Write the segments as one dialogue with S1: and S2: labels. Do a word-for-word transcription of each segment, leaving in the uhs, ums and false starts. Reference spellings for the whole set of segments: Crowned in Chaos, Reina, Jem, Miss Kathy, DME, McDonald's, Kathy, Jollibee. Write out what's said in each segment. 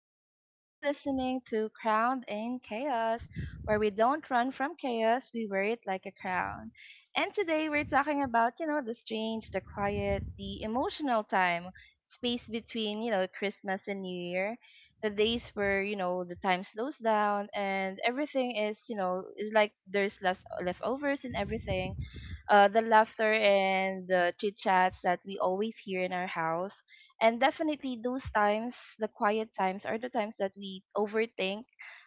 S1: royals. You're listening to Crowned in Chaos, where we don't run from chaos, we wear it like a crown. And today we're talking about, you know, the strange, the quiet, the emotional time, space between, you know, Christmas and New Year, the days where, you know, the time slows down and everything is, you know, is like there's less leftovers and everything uh, the laughter and the chit chats that we always hear in our house. And definitely, those times, the quiet times, are the times that we overthink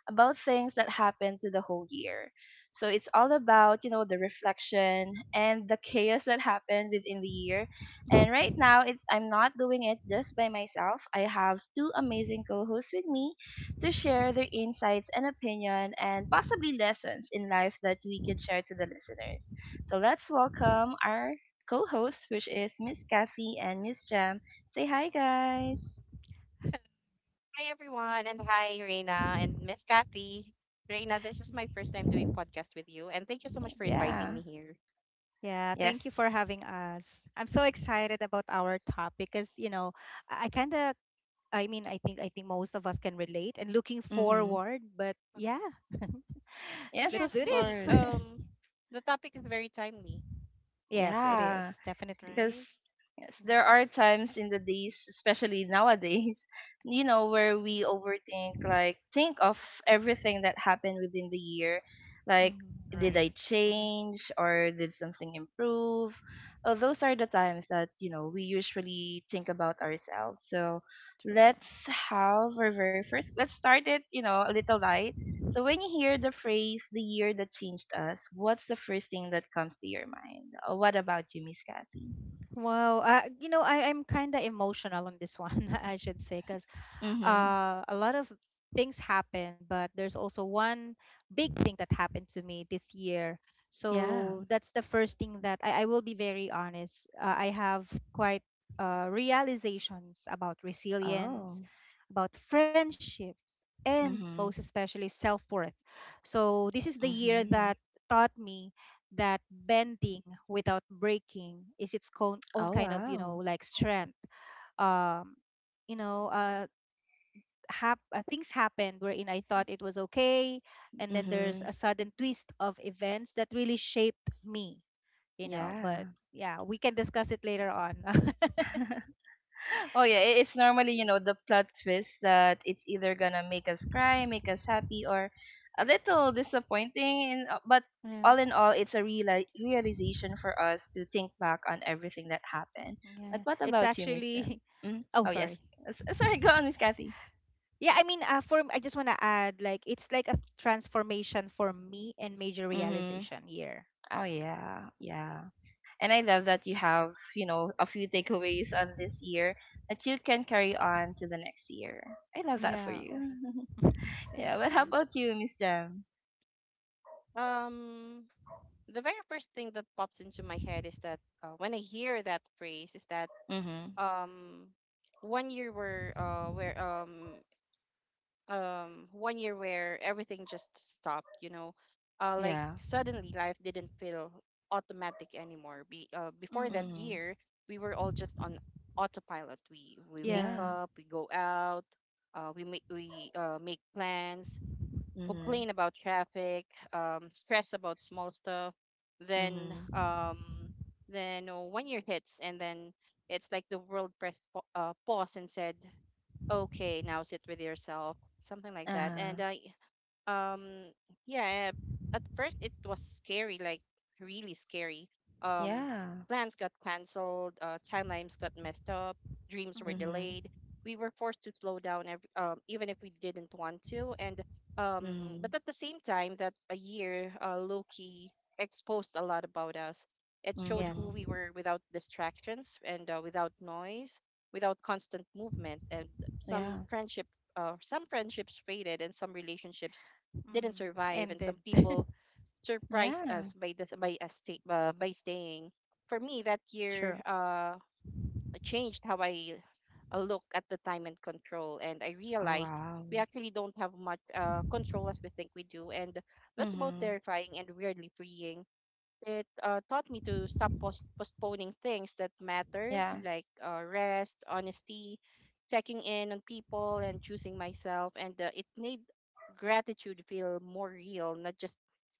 S1: about things that happened to the whole year. So it's all about, you know, the reflection and the chaos that happened within the year. And right now, it's I'm not doing it just by myself. I have two amazing co-hosts with me to share their insights and opinion and possibly lessons in life that we can share to the listeners. So let's welcome our co-host, which is Miss Kathy and Miss Jam. Say hi, guys.
S2: Hi everyone, and hi Reina and Miss Kathy. Reina, this is my first time doing podcast with you, and thank you so much for inviting
S1: Yeah.
S2: me here.
S3: Yeah,
S1: Yes.
S3: thank you for having us. I'm so excited about our topic because, you know, I, I kind of, I mean, I think I think most of us can relate and looking
S1: Mm-hmm.
S3: forward, but
S2: Mhm.
S3: yeah,
S2: And
S1: Yes,
S3: let's
S1: of
S2: yes,
S3: do
S2: the
S3: this.
S1: course.
S2: um the topic is very timely,
S3: Yes, it is
S1: Yeah,
S3: definitely.
S1: because
S2: right?
S1: yes,
S2: Mm-hmm.
S1: there are times in the days, especially nowadays, you know, where we overthink, like think of everything that happened within the year, like did
S3: Mhm.
S2: Right.
S1: I
S2: Mm-hmm.
S1: change or did something improve? Uh, those are the times that you know we usually think about ourselves. So
S3: True.
S1: let's have our very first. Let's start it, you know, a little light. So when you hear the phrase "the year that changed us," what's the first thing that comes to your mind? Uh, What about you, Miss Kathy?
S3: Wow, uh, you know, I, I'm kind of emotional on this one, I should say, because
S1: Mhm.
S3: uh, a lot of things happen, but there's also one big thing that happened to me this year.
S1: Yeah.
S3: So that's the first thing that I, I will be very honest. Uh, I have quite uh, realizations about
S1: Oh.
S3: resilience, about friendship, and most
S1: Mhm.
S3: especially self worth. So this is the year
S1: Mhm.
S3: that taught me that bending without breaking is its own, own
S1: Oh
S3: kind of you know
S1: wow.
S3: like strength. um you know uh hap- uh, Things happened wherein I thought it was okay, and then there's
S1: Mhm.
S3: a sudden twist of events that really shaped me, you know. But
S1: Yeah.
S3: yeah, we can discuss it later on.
S1: Oh yeah, i- it's normally, you
S2: Yes.
S1: know, the plot twist that it's either gonna make us cry, make us happy or a little disappointing and uh, but
S3: Yeah,
S1: all in all, it's a reali- realization for us to think back on everything that happened. But
S3: yeah.
S1: what
S3: It's
S1: about you, Miss Jem?
S3: actually,
S1: mm
S3: oh,
S1: Oh yes.
S3: sorry.
S1: S- Sorry, go on, Miss Kathy.
S3: Yeah, I mean, uh, for I just want to add, like, it's like a transformation for me and major
S1: Mhm.
S3: realization year.
S1: Oh yeah. Yeah. And I love that you have, you know, a few takeaways on this year that you can carry on to the next year. I love that for
S3: Yeah.
S1: you.
S2: Right.
S1: yeah,
S3: Thanks.
S1: but how
S2: Mm-hmm.
S1: about you, Miss Jam?
S2: Um, the very first thing that pops into my head is that uh, when I hear that phrase, is that
S1: Mhm.
S2: um one year where uh where um um one year where everything just stopped, you know. Uh like,
S1: Yeah.
S2: suddenly life didn't feel automatic anymore. Be, uh, before
S3: Mm.
S2: that
S1: Mhm.
S2: year, we were all just on autopilot. We we wake
S3: Yeah.
S1: Yeah.
S2: up, we go out, uh we make we uh, make plans,
S1: Mhm.
S2: complain about traffic, um stress about small stuff, then
S1: Mhm.
S2: um then uh, one year hits, and then it's like the world pressed pa- uh, pause and said, okay, now sit with yourself, something like that. And
S1: Uh-huh.
S2: uh, um yeah, at first it was scary, like really scary. um
S1: Yeah.
S2: Plans got canceled, uh, timelines got messed up, dreams were
S1: Mhm.
S3: Mm.
S2: delayed. We were forced to slow down every, um, even if we didn't want to. and um
S1: Mhm.
S2: but at the same time, that a year uh, loki exposed a lot about us. It showed
S3: Yes.
S2: who
S1: Mhm.
S2: we were without distractions and uh, without noise, without constant movement. And some
S1: Yeah.
S2: friendship uh, some friendships faded, and some relationships didn't
S3: Mm.
S2: survive, and
S3: Ended.
S2: some people surprised
S1: Yeah.
S2: us by the by us stay, uh, by staying. For me, that year
S3: True.
S2: uh, changed how I uh, look at the time and control. And I
S1: Oh
S2: realized
S1: wow.
S2: we actually don't have much uh, control as we think we do, and that's both
S1: Mhm.
S2: terrifying and weirdly freeing. It uh, taught me to stop post- postponing things that matter,
S1: Yeah.
S2: like uh, rest, honesty, checking in on people, and choosing myself. And uh, It made gratitude feel more real, not just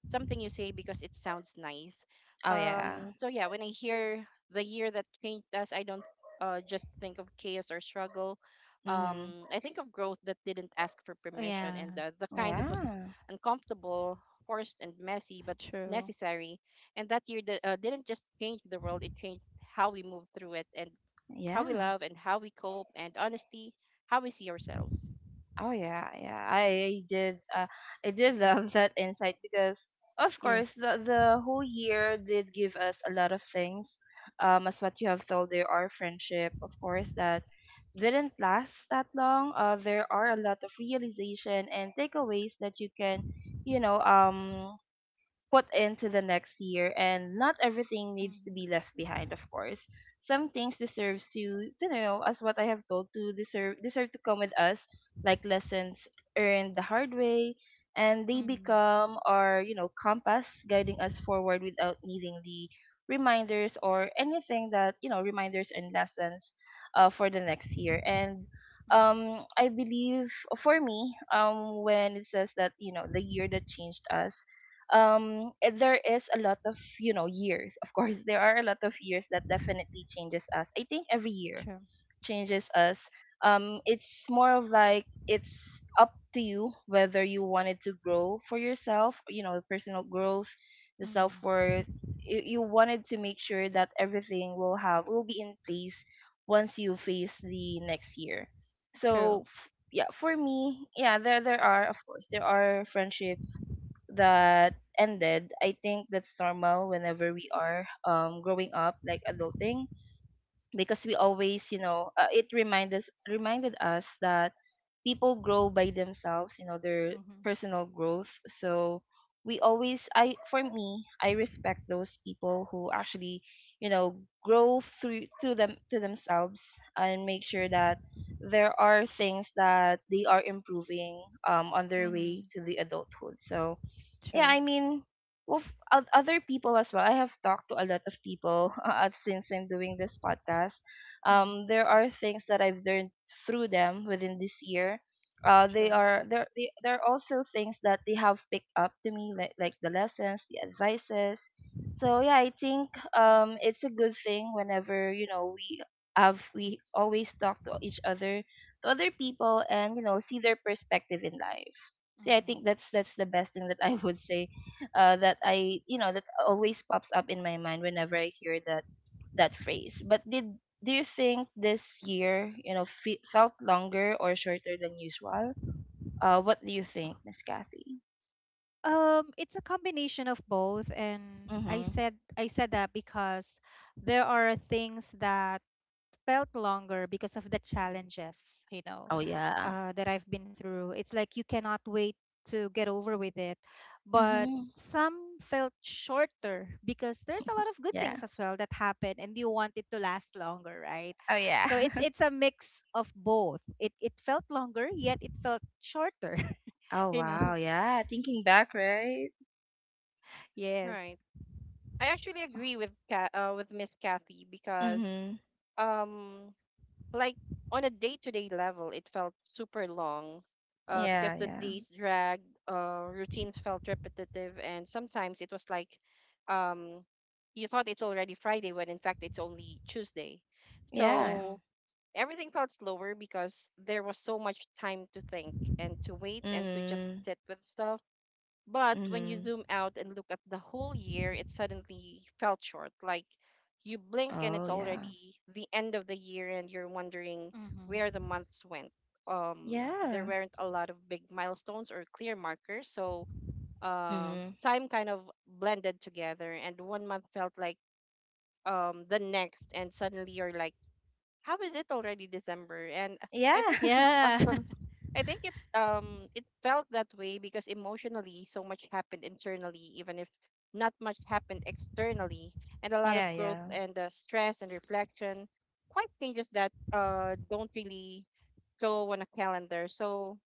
S2: something you say because it sounds nice.
S1: Oh yeah.
S2: Um, so, yeah, when I hear the year that changed us, I don't uh, just think of chaos or struggle.
S1: Mhm.
S2: Um, I think of growth that didn't ask for permission,
S3: Yeah,
S2: and uh, the kind that was
S1: Yeah.
S2: uncomfortable, forced, and messy, but
S3: true.
S2: necessary. And that year that, uh, didn't just change the world, it changed how we move through it, and how we
S1: Yeah.
S2: love, and how we cope, and honestly, how we see ourselves.
S1: Oh yeah, yeah. I did. Uh, I did
S2: Mhm.
S1: love that insight because, of course,
S3: Yes.
S1: the the whole year did give us a lot of things. Um, as what you have told, there are friendship, of course, that didn't last that long. Uh, there are a lot of realization and takeaways that you can, you know, um, put into the next year, and not everything needs to
S3: Mhm.
S1: be left behind, of course. Some things deserves, you to know, as what I have told, to deserve deserve to come with us, like lessons earned the hard way, and they
S3: Mhm.
S1: become our, you know compass, guiding us forward without needing the reminders or anything, that, you know reminders and lessons uh, for the next year. And
S3: Mhm.
S1: um, I believe for me, um, when it says that, you know the year that changed us, um, eh, there is a lot of, you know years, of course. There are a lot of years that definitely changes us. I think every year
S3: True.
S1: changes us. Um, it's more of like it's up to you whether you wanted to grow for yourself, you know personal growth, the
S3: Mhm.
S1: self-worth. You, you wanted to make sure that everything will have will be in place once you face the next year.
S3: True.
S1: So f- yeah, for me, yeah, there there are, of course, there are friendships that ended. I think that's normal whenever we are, um, growing up, like adulting, because we always, you know uh, it reminded us reminded us that people grow by themselves, you know, their
S3: Mhm.
S1: personal growth. So we always, I for me, I respect those people who actually, you know grow through to them to themselves and make sure that there are things that they are improving, um, on their way
S3: Mhm.
S1: to the adulthood. So yeah,
S3: True.
S1: I mean, with oth- other people as well. I have talked to a lot of people uh, since I'm doing this podcast. Um,
S3: Mhm.
S1: there are things that I've learned through them within this year. Uh, they
S3: True.
S1: are there. They, there are also things that they have picked up to me, like like the lessons, the advices. So yeah, I think, um, it's a good thing whenever, you know we have we always talk to each other, to other people, and, you know see their perspective in life. So yeah, I
S3: Mhm.
S1: think that's that's the best thing that I would say, uh that I you know that always pops up in my mind whenever I hear that, that phrase. But did, do you think this year, you know fe- felt longer or shorter than usual? Uh what do you think, Miss Kathy?
S3: Um, it's a combination of both, and I
S1: Mm-hmm.
S3: said I said that because there are things that felt longer because of the challenges, you know,
S1: Oh yeah.
S3: uh, that I've been through. It's like you cannot wait to get over with it. But
S1: Mm-hmm.
S3: some felt shorter because there's a lot of good
S1: Yeah.
S3: things as well that happen and you want it to last longer, right?
S1: Oh yeah.
S3: So it's it's a mix of both. It it felt longer, yet it felt shorter,
S1: Oh
S3: you know.
S1: wow, yeah, thinking back, right?
S3: Yes.
S2: Right. I actually agree with Ka- uh, with Miss Kathy, because
S1: Mm-hmm.
S2: um like on a day-to-day level it felt super long uh because
S1: Yeah,
S2: the
S1: yeah.
S2: days dragged, uh routines felt repetitive, and sometimes it was like um you thought it's already Friday when in fact it's only Tuesday.
S1: Yeah.
S3: Mm-hmm.
S2: So everything felt slower because there was so much time to think, and to wait, and to just
S1: Mm-hmm.
S2: sit with stuff. But when you
S1: Mm-hmm.
S2: zoom out and look at the whole year, it suddenly felt short. Like you blink and
S1: Oh
S2: it's
S1: yeah.
S2: already the end of the year and you're wondering where
S3: Mm-hmm.
S2: the months went. Um, there
S1: Yeah.
S2: weren't a lot of big milestones or clear markers, so uh,
S1: Mm-hmm.
S2: time kind of blended together, and one month felt like um the next, and suddenly you're like, how is it already December? And I think
S1: Yeah.
S2: it,
S3: Yeah.
S2: I think it, um, it felt that way because emotionally, so much happened internally, even if not much happened externally, and a lot
S1: Yeah,
S2: of growth,
S1: yeah.
S2: and uh, stress, and reflection, quite changes that uh don't really show on a calendar. So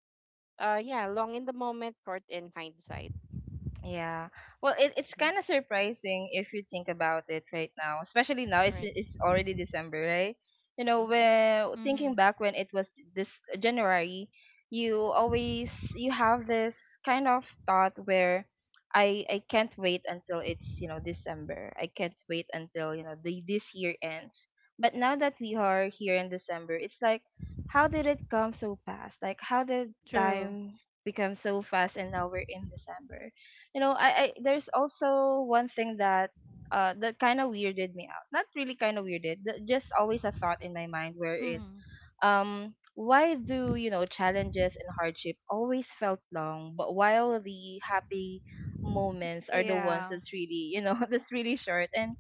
S2: uh, yeah, long in the moment, short in hindsight.
S1: Yeah. Well, it, it's
S2: Mm-hmm.
S1: kind of surprising if you think about it right now, especially now. It's
S2: Right.
S1: it's already December, right? You know,
S2: Mm-hmm.
S1: when thinking
S3: Mm-hmm.
S1: back when it was this January, you always you have this kind of thought where I I can't wait until it's, you know, December. I can't wait until, you know, the this year ends. But now that we are here in December, it's like how did it come so fast? Like how did
S3: True.
S1: time become so fast and now we're in December? You know, I, I there's also one thing that uh that kind of weirded me out. Not really kind of weirded, that just always a thought in my mind, wherein,
S3: Mm-hmm.
S1: um, why do, you know challenges and hardship always felt long, but while the happy moments are the ones
S3: Yeah.
S1: that's really, you know that's really short. And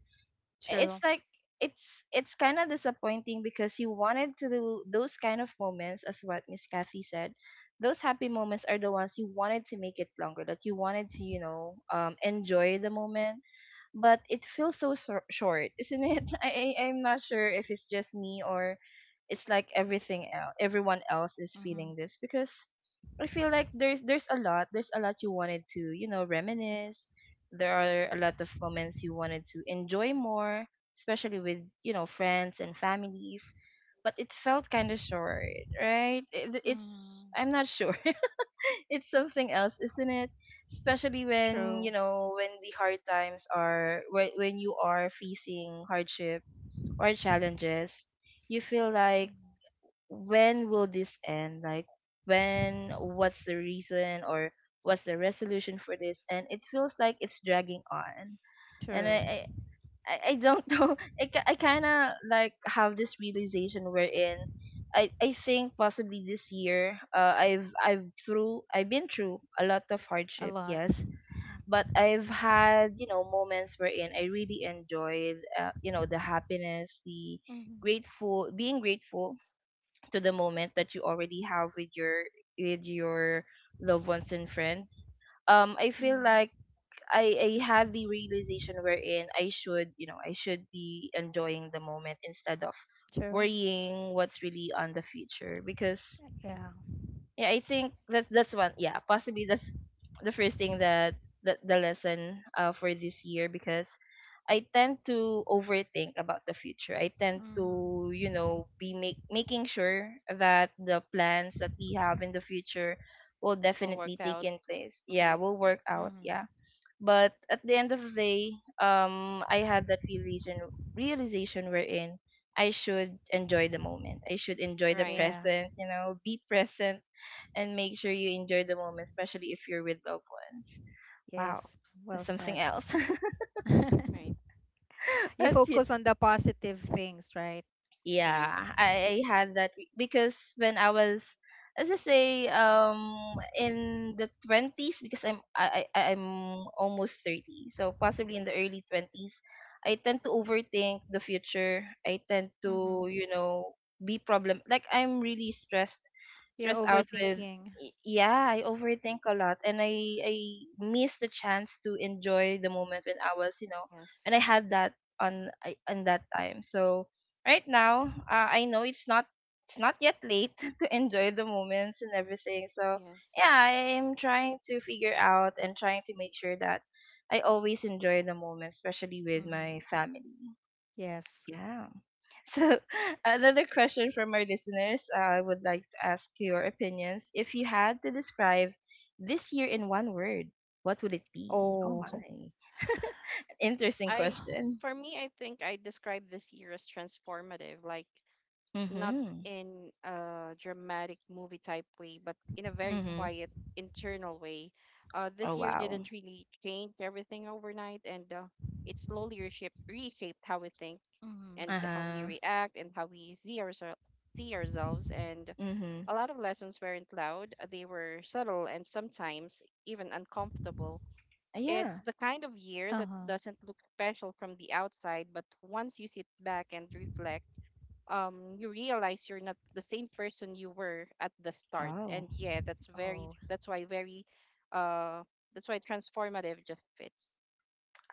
S1: it's
S3: True.
S1: like, it's it's kind of disappointing because you wanted to do those kind of moments, as what Miss Kathy said. Those happy moments are the ones you wanted to make it longer, that you wanted to, you know um enjoy the moment. But it feels so shor- short, isn't it? I I- I'm not sure if it's just me, or it's like everything else, everyone else is
S3: Mm-hmm.
S1: feeling this, because I feel like there's there's a lot, there's a lot you wanted to, you know, reminisce. There are a lot of moments you wanted to enjoy more, especially with, you know, friends and families. But it felt kind of short, right? It, it's
S3: Mm-hmm.
S1: I'm not sure. It's something else, isn't it? Especially when, you
S3: True.
S1: know, when the hard times are, when when you are facing hardship or challenges, you feel like
S3: Mm.
S1: when will this end? Like when? What's the reason, or what's the resolution for this? And it feels like it's dragging on. And I,
S3: True.
S1: I I, I don't know. I, ki- I kind of like have this realization wherein I, I think possibly this year, uh, I've I've through I've been through a lot of
S3: A
S1: hardship,
S3: lot.
S1: yes,
S3: Mm.
S1: but I've had, you know, moments wherein I really enjoyed, uh, you know the happiness, the
S3: Mhm.
S1: grateful being grateful to the moment that you already have with your with your loved ones and friends. Um, I feel like
S3: Mm.
S1: I I had the realization wherein I should, you know, I should be enjoying the moment instead of
S3: True.
S1: worrying what's really on the future, because
S3: Yeah.
S1: yeah, I think that's that's one. Yeah, possibly that's the first thing that, that the lesson, uh for this year, because I tend to overthink about the future. I tend
S3: Mm.
S1: to, you know, be make, making sure that the plans that we have in the future will
S2: All worked
S1: definitely take
S2: out.
S1: in place. Yeah,
S2: Mm-hmm.
S1: will work out.
S3: Mm.
S1: Yeah. But at the end of the day, um, I had that realization realization wherein I should enjoy the moment. I should enjoy the
S2: Right.
S3: Yeah.
S1: present, you know, be present, and make sure you enjoy the moment, especially if you're with loved ones. Wow.
S3: Yes.
S1: That's
S3: Well
S1: something
S3: said.
S1: else.
S2: Right.
S3: You
S1: but
S3: focus on the positive things, right?
S2: Right.
S1: yeah, I, I had that re- because when I was, as I say, um, in the twenties, because I'm I, I I'm almost thirty, so possibly in the early twenties, I tend to overthink the future. I tend
S3: Mm-hmm.
S1: to, you know, be problem like I'm really stressed,
S3: You're
S1: stressed out with.
S3: overthinking.
S1: y- Yeah, I overthink a lot, and I I miss the chance to enjoy the moment when I was, you know,
S2: Yes.
S1: and I had that on I- on that time. So right now, uh, I know it's not, it's not yet late to enjoy the moments and everything. So
S2: Yes.
S1: yeah, I am trying to figure out and trying to make sure that I always enjoy the moment, especially with
S3: Mm-hmm.
S1: my family.
S3: Yes.
S1: Yeah. So another question from our listeners, uh, I would like to ask your opinions. If you had to describe this year in one word, what would it be? Oh my,
S3: Oh.
S1: interesting
S2: I
S1: question.
S2: For me, I think I describe this year as transformative, like not
S1: Mhm.
S2: in a dramatic movie type way, but in a very
S1: Mhm.
S3: Mm-hmm.
S2: quiet internal way. Uh, this
S1: Oh
S2: year
S1: wow.
S2: didn't really change everything overnight, and uh, it slowly reshaped, reshaped how we think, and
S1: Uh
S3: Mm-hmm.
S2: how we
S1: huh.
S2: react, and how we see ourselves, see ourselves, and
S1: Mhm.
S2: a lot of lessons weren't loud. They were subtle and sometimes even uncomfortable. It's
S1: Yeah.
S2: the kind of year that
S3: Uh-huh.
S2: doesn't look special from the outside, but once you sit back and reflect, um, you realize you're not the same person you were at the start.
S1: Oh.
S2: And yeah, that's very
S3: Oh.
S2: that's why very uh that's why transformative just fits.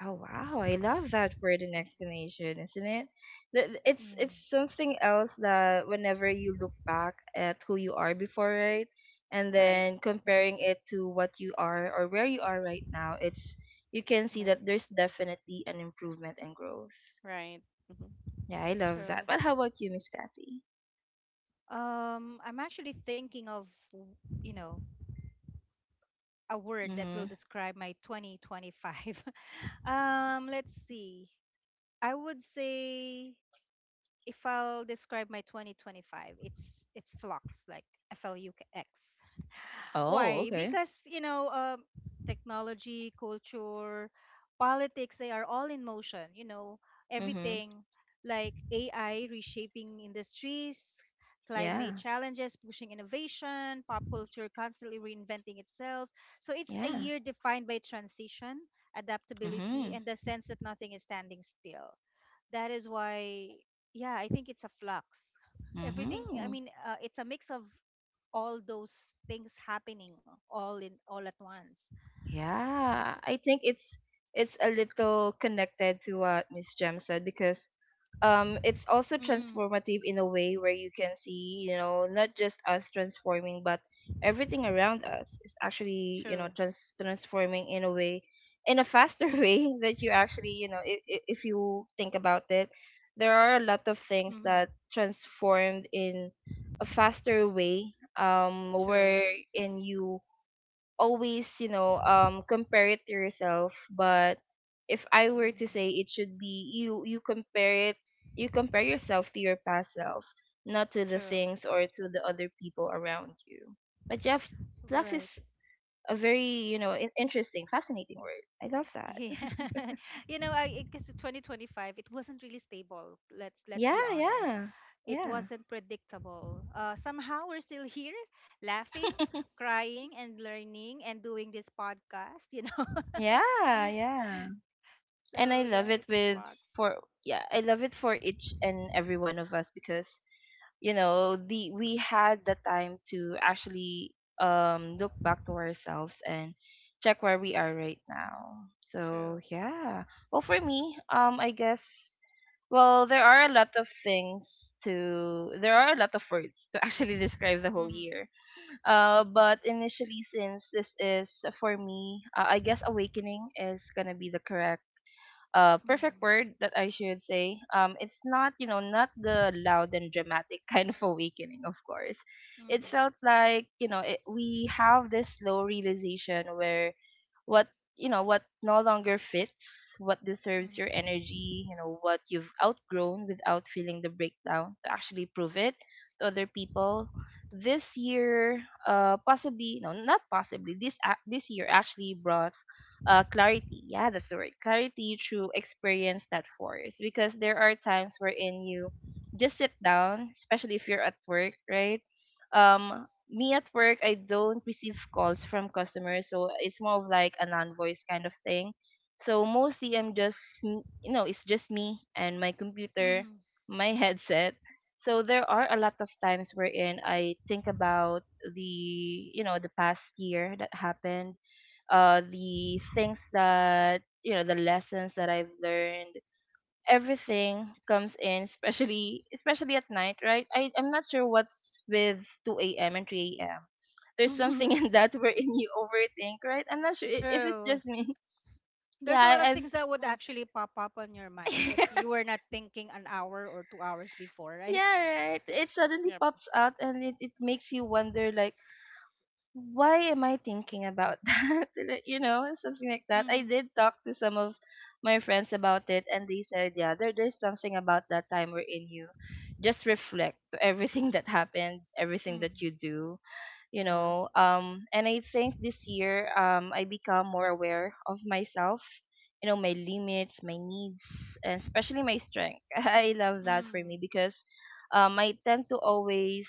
S1: Oh wow. I love that word and
S2: Mhm.
S1: explanation, isn't it? Th- th- It's
S2: Yes.
S3: Yeah.
S1: it's something else that whenever you look back at who you are before, right? And
S2: Right.
S1: then
S2: Mhm.
S1: comparing it to what you are or where you are right now, it's you can see
S2: Like,
S1: that there's definitely an improvement and growth.
S2: right. Mm-hmm.
S1: Yeah, I love that.
S3: True.
S1: But how about you, Miss Kathy?
S3: Um, I'm actually thinking of, w- you know, a word that will
S1: Mhm.
S3: describe my twenty twenty-five. Um, let's see. I would say if I'll describe my twenty twenty-five, it's it's flux, like F L U X.
S1: Oh,
S3: Why?
S1: okay.
S3: Because, you know, um, technology, culture, politics, they are all in motion, you know,
S1: Mhm.
S3: everything like A I reshaping industries, climate
S1: Yeah.
S3: challenges pushing innovation, pop culture constantly reinventing itself. So it's a
S1: Yeah.
S3: year defined by transition, adaptability,
S1: Mhm.
S3: and the sense that nothing is standing still. That is why, yeah, I think it's a flux. Everything, i
S1: Mhm.
S3: mean uh, it's a mix of all those things happening all in all at once.
S1: Yeah, I think it's it's a little connected to what Miss Jem said, because um it's also
S3: Mm,
S1: transformative in a way where you can see, you know, not just us transforming, but everything around us is actually, you know,
S3: true.
S1: trans- transforming in a way in a faster way that you actually, you know, if if you think about it, there are a lot of things
S3: Mm-hmm,
S1: that transformed in a faster way, um
S3: true.
S1: wherein you always, you know, um, compare it to yourself. But if I were to
S3: Mm-hmm,
S1: say, it should be you. You compare it. You compare yourself to your past self, not to the
S3: true.
S1: things or to the other people around you. But yeah, flux
S3: Right.
S1: is a very, you know, in- interesting, fascinating word. I love that.
S3: Yeah. You know, I because twenty twenty-five, it wasn't really stable. Let's let's
S1: Yeah,
S3: be honest,
S1: yeah,
S3: it
S1: yeah.
S3: wasn't predictable. Uh somehow we're still here laughing, crying and learning and doing this podcast, you know.
S1: Yeah, yeah. And I
S3: So
S1: love
S3: yeah,
S1: it
S3: it's a
S1: with
S3: flux.
S1: for, yeah, I love it for each and every one of us, because you know the we had the time to actually, um look back to ourselves and check where we are right now. So
S3: True.
S1: yeah. Well, for me, um I guess, well, there are a lot of things to there are a lot of words to actually describe the whole
S3: Mm-hmm.
S1: year. Uh but initially, since this is for me, uh, I guess awakening is gonna be the correct, uh, perfect
S3: Mm-hmm.
S1: word that I should say. Um, it's not, you know, not the loud and dramatic kind of awakening, of course. It felt like, you know, it, we have this slow realization where what, you know, what no longer fits, what deserves your
S3: Mm-hmm.
S1: energy, you know, what you've outgrown without feeling the breakdown to actually prove it to other people. This year, uh, possibly, no, not possibly, this, ac- this year actually brought, uh, clarity. Yeah, that's the word. Clarity through experience, not force. Because there are times wherein you just sit down, especially if you're at work, right? Um, me at work, I don't receive calls from customers, so it's more of like a non-voice kind of thing. So mostly I'm just, m- you know, it's just me and my computer,
S3: Mm-hmm.
S1: my headset. So there are a lot of times wherein I think about the, you know, the past year that happened, uh, the things that, you know, the lessons that I've learned. Everything comes in, especially especially at night, right? I I'm not sure what's with two a m and three a m. There's
S3: Mm-hmm.
S1: something in that wherein you overthink, right? I'm not sure i- if it's
S3: True.
S1: just me. Yeah,
S3: There's a lot of
S1: I, I've
S3: things that would
S2: Mm.
S3: actually pop up on your mind that you were not thinking an hour or two hours before, right?
S1: yeah, right. It suddenly
S2: Yep.
S1: pops out and it, it makes you wonder, like, why am I thinking about that? Like, you know, something like that. I
S3: Mm-hmm.
S1: did talk to some of my friends about it, and they said, yeah, there, there's something about that time we're in you. Just reflect to everything that happened, everything
S3: Mm-hmm.
S1: that you do, you
S2: Yeah.
S1: know. Um and I think this year, um I become more aware of myself, you know, my limits, my needs, and especially my strength. I love that for me,
S3: Mm-hmm.
S1: because um I tend to always,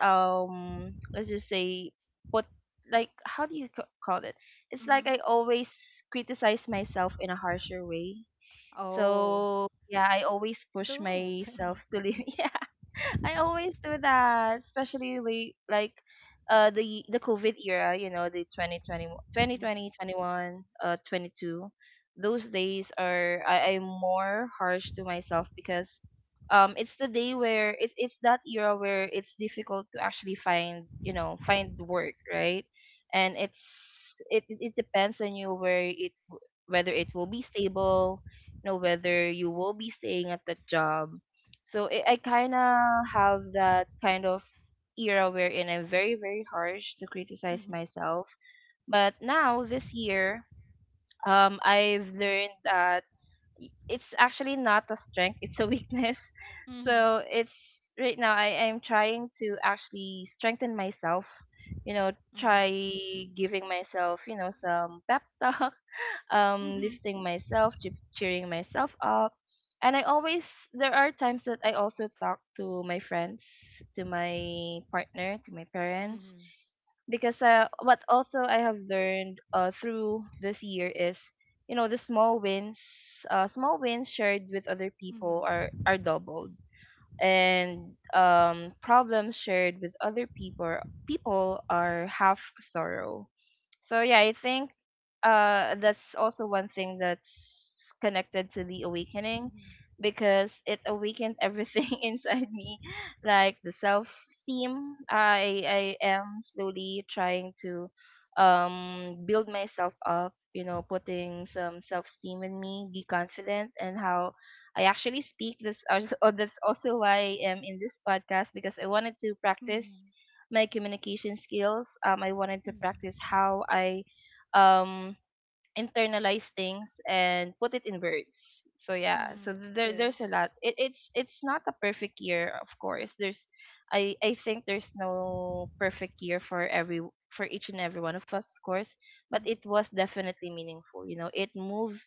S1: um let's just say, put, like, how do you ca- call it, it's like
S3: Mm-hmm.
S1: I always criticize myself in a harsher way.
S3: Oh,
S1: So yeah, I always push
S3: don't.
S1: myself to live. Yeah, I always do that, especially we like uh the the COVID era, you know, the twenty twenty twenty twenty twenty one uh twenty two. Those days are I am more harsh to myself, because um it's the day where it's it's that era where it's difficult to actually find, you know, find work, right? And it's it it it depends on you where it w- whether it will be stable, know whether you will be staying at the job. So I, I kind of have that kind of era wherein I'm very very harsh to criticize
S3: Mm-hmm.
S1: myself. But now this year, um, I've learned that y- it's actually not a strength, it's a weakness.
S3: Mm-hmm.
S1: So it's right now I am trying to actually strengthen myself, you know, try
S3: Mm-hmm.
S1: giving myself, you know, some pep talk. Um
S3: Mm-hmm.
S1: lifting myself, che- cheering myself up. And I always there are times that I also talk to my friends, to my partner, to my
S2: Mhm.
S1: parents,
S3: Mm-hmm.
S1: because uh, what also I have learned, uh, through this year is, you know, the small wins, uh small wins shared with other people
S3: Mm-hmm.
S1: are are doubled, and, um, problems shared with other people people are half sorrow. So yeah, I think, uh, that's also one thing that's connected to the awakening,
S3: Mm-hmm.
S1: because it awakened everything inside me, like the self esteem. I I am slowly trying to um build myself up, you know, putting some self esteem in me, be confident and how I actually speak. This als- oh, that's also why I am in this podcast, because I wanted to practice
S3: Mm-hmm.
S1: my communication skills. Um, I wanted to practice
S3: Mm-hmm.
S1: how I, um internalize things and put it in words. So yeah,
S3: Mm-hmm.
S1: so
S3: That's
S1: there
S3: good.
S1: there's a lot. It, it's it's not a perfect year, of course. There's I I think there's no perfect year for every for each and every one of us, of course, but it was definitely meaningful. You know, it moved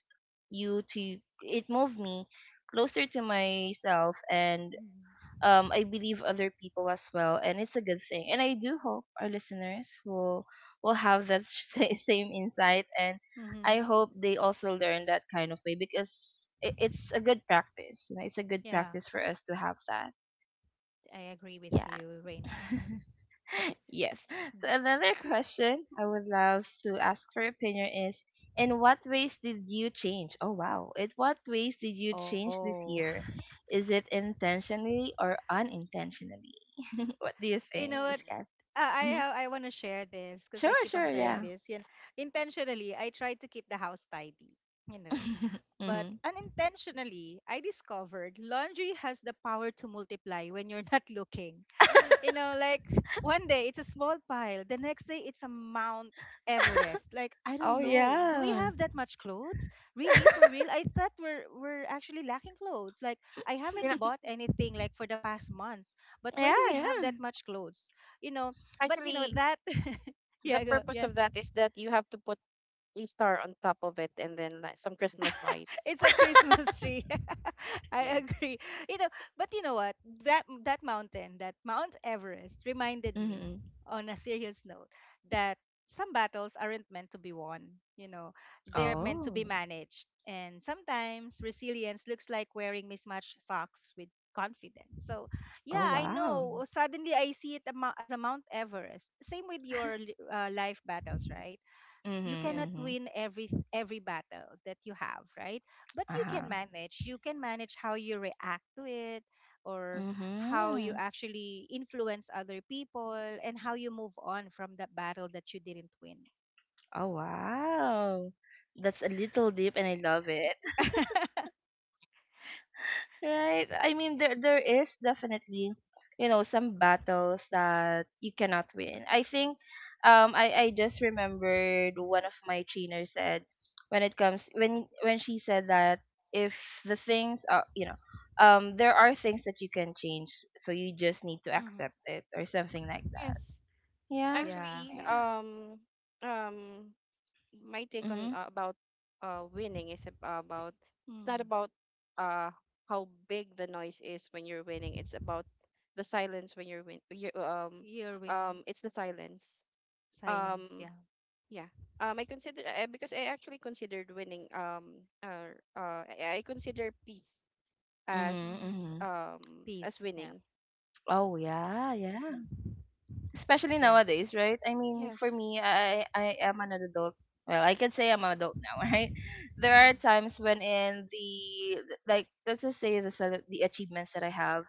S1: you to it moved me closer to myself and,
S3: Mm-hmm.
S1: um, I believe, other people as well, and it's a good thing. And I do hope our listeners will will have that sa- same insight, and I
S3: Mm-hmm.
S1: hope they also learn that kind of way, because it, it's a good practice. You know, it's a good
S3: Yeah.
S1: practice for us to have that.
S3: I agree with
S1: Yeah.
S3: you, Reina.
S1: Yes. So
S3: Hmm.
S1: another question I would love to ask for your opinion is, in what ways did you change? Oh wow. In what ways did you change
S3: Oh,
S1: this year? Is it intentionally or unintentionally? What do you
S3: you
S1: think,
S3: know what?
S2: Mm.
S1: Uskas?
S3: Uh, I
S1: Hmm.
S3: have- I want to share this because I
S1: Sure,
S3: keep
S1: sure,
S3: on saying
S1: yeah.
S3: this. You know, intentionally, I try to keep the house tidy. You know, but
S1: Hmm.
S3: unintentionally, I discovered laundry has the power to multiply when you're not looking. You know, like one day it's a small pile, the next day it's a Mount Everest. Like I
S1: Oh
S3: don't know, do we
S1: yeah.
S3: have that much clothes? Really, for real? I thought we're we're actually lacking clothes. Like I haven't
S2: You know,
S3: bought anything like for the past months. But
S1: Yeah,
S3: why do we have
S1: yeah.
S3: that much clothes? You know, but you know
S2: actually,
S3: that.
S2: the
S3: Yeah, go.
S2: purpose
S3: Yes.
S2: of that is that you have to put a star on top of it, and then like, some Christmas lights.
S3: It's a Christmas tree. I
S2: Yeah.
S3: agree. You know, but you know what? That that mountain, that Mount Everest, reminded me,
S1: Hmm.
S3: on a serious note, that some battles aren't meant to be won. You know, they're meant to be
S1: Oh.
S3: managed. And sometimes resilience looks like wearing mismatched socks with confidence. So,
S1: Oh
S3: yeah, I
S1: wow.
S3: know you
S1: Mm-hmm.
S3: cannot
S1: Mm-hmm.
S2: Yes.
S3: win every every battle that you have, right? But you can
S1: Uh-huh.
S3: manage. You can manage how you react to it or how you
S1: Mm-hmm.
S3: actually influence other people and how you move on from that battle that you didn't win.
S1: Oh wow. That's a little deep and I love it. Right. I mean there there is definitely, you know, some battles that you cannot win. I think, um I, I just remembered one of my trainers said, when it comes when when she said that if the things are, you know, um there are things that you can change, so you just need to
S3: Hmm.
S1: accept it or something like that.
S2: Yes.
S1: Yeah.
S3: Yeah.
S2: Actually,
S1: Yeah.
S2: um, um, my take
S1: Mhm.
S2: on uh, about uh winning is ab- about, it's
S3: Mm.
S2: not about uh how big the noise is when you're winning. It's about the silence when you're win. You, um,
S3: You're winning.
S2: um, it's the silence.
S3: Silence, yeah.
S2: Um, yeah. Um, I consider uh, because I actually considered winning. Um, uh, uh, I I consider peace
S1: Mhm.
S3: Hmm.
S2: as
S1: Mhm.
S2: um
S3: Peace.
S2: as
S3: Yeah.
S2: winning.
S1: Oh yeah, yeah,
S2: Mm-hmm.
S1: especially
S3: Yeah.
S1: nowadays, right? I mean, for me,
S2: Yes.
S1: I I am an adult. Well, I can say I'm an adult now, right? There are
S3: Mm.
S1: times when in the like let's just say the cele- the achievements that I have,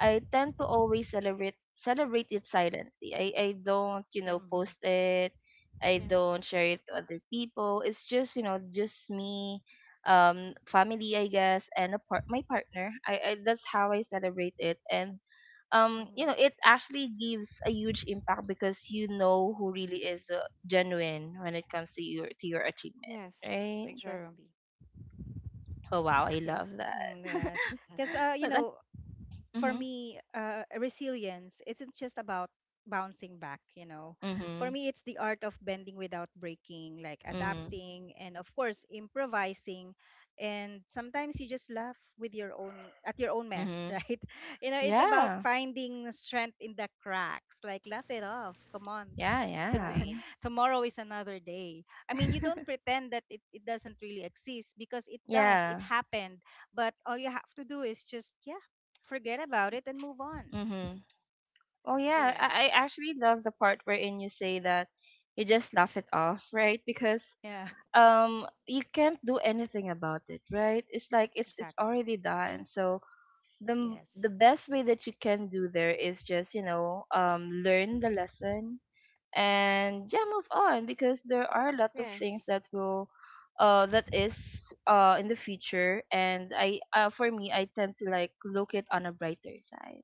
S1: I tend to always celebrate celebrate it silently. I, I don't, you
S3: So,
S1: know,
S3: mhm.
S1: post it. I
S2: Yeah.
S1: don't share it to other people. It's just, you know, just me, um, family, I guess, and a part my partner. I, I that's how I celebrate it. And, um, you know, it
S2: Mm-hmm.
S1: actually gives a huge impact, because you know who really is the genuine when it comes to your to your achievement,
S2: Yes,
S1: right?
S3: Sure.
S2: exactly.
S1: Oh wow, I love
S2: Yes.
S1: that.
S3: Mm, yeah.
S2: Mhm.
S3: Because uh, you
S1: But that,
S3: know, for
S1: mm-hmm,
S3: me, uh, resilience isn't just about bouncing back, you know. For
S1: mm-hmm,
S3: me, it's the art of bending without breaking, like
S1: mm-hmm,
S3: adapting and of course improvising. And sometimes you just laugh with your own at your own mess,
S1: mm-hmm.
S3: right? You know, it's about
S1: Yeah.
S3: finding strength in the cracks. Like laugh it off. Come on.
S1: Yeah,
S3: Tod-
S1: yeah.
S2: Right.
S3: Tomorrow is another day. I mean, you don't pretend that it, it doesn't really exist because it does. It
S1: Yeah.
S3: happened, but all you have to do is just, yeah, forget about it and move on.
S1: Mm-hmm. Oh yeah,
S2: Correct.
S1: I, I actually love the part wherein you say that you just laugh it off, right? Because
S3: Yeah,
S1: um you can't do anything about it, right? It's like it's it's
S3: exactly.
S1: already done.
S2: Right.
S1: So the m-
S3: Yes.
S1: the best way that you can do there is just, you know, um learn the lesson and, yeah, move on, because there are a lot of things that
S2: Yes.
S1: will, uh that is, uh in the future, and I uh, for me I tend to like look it on a brighter side,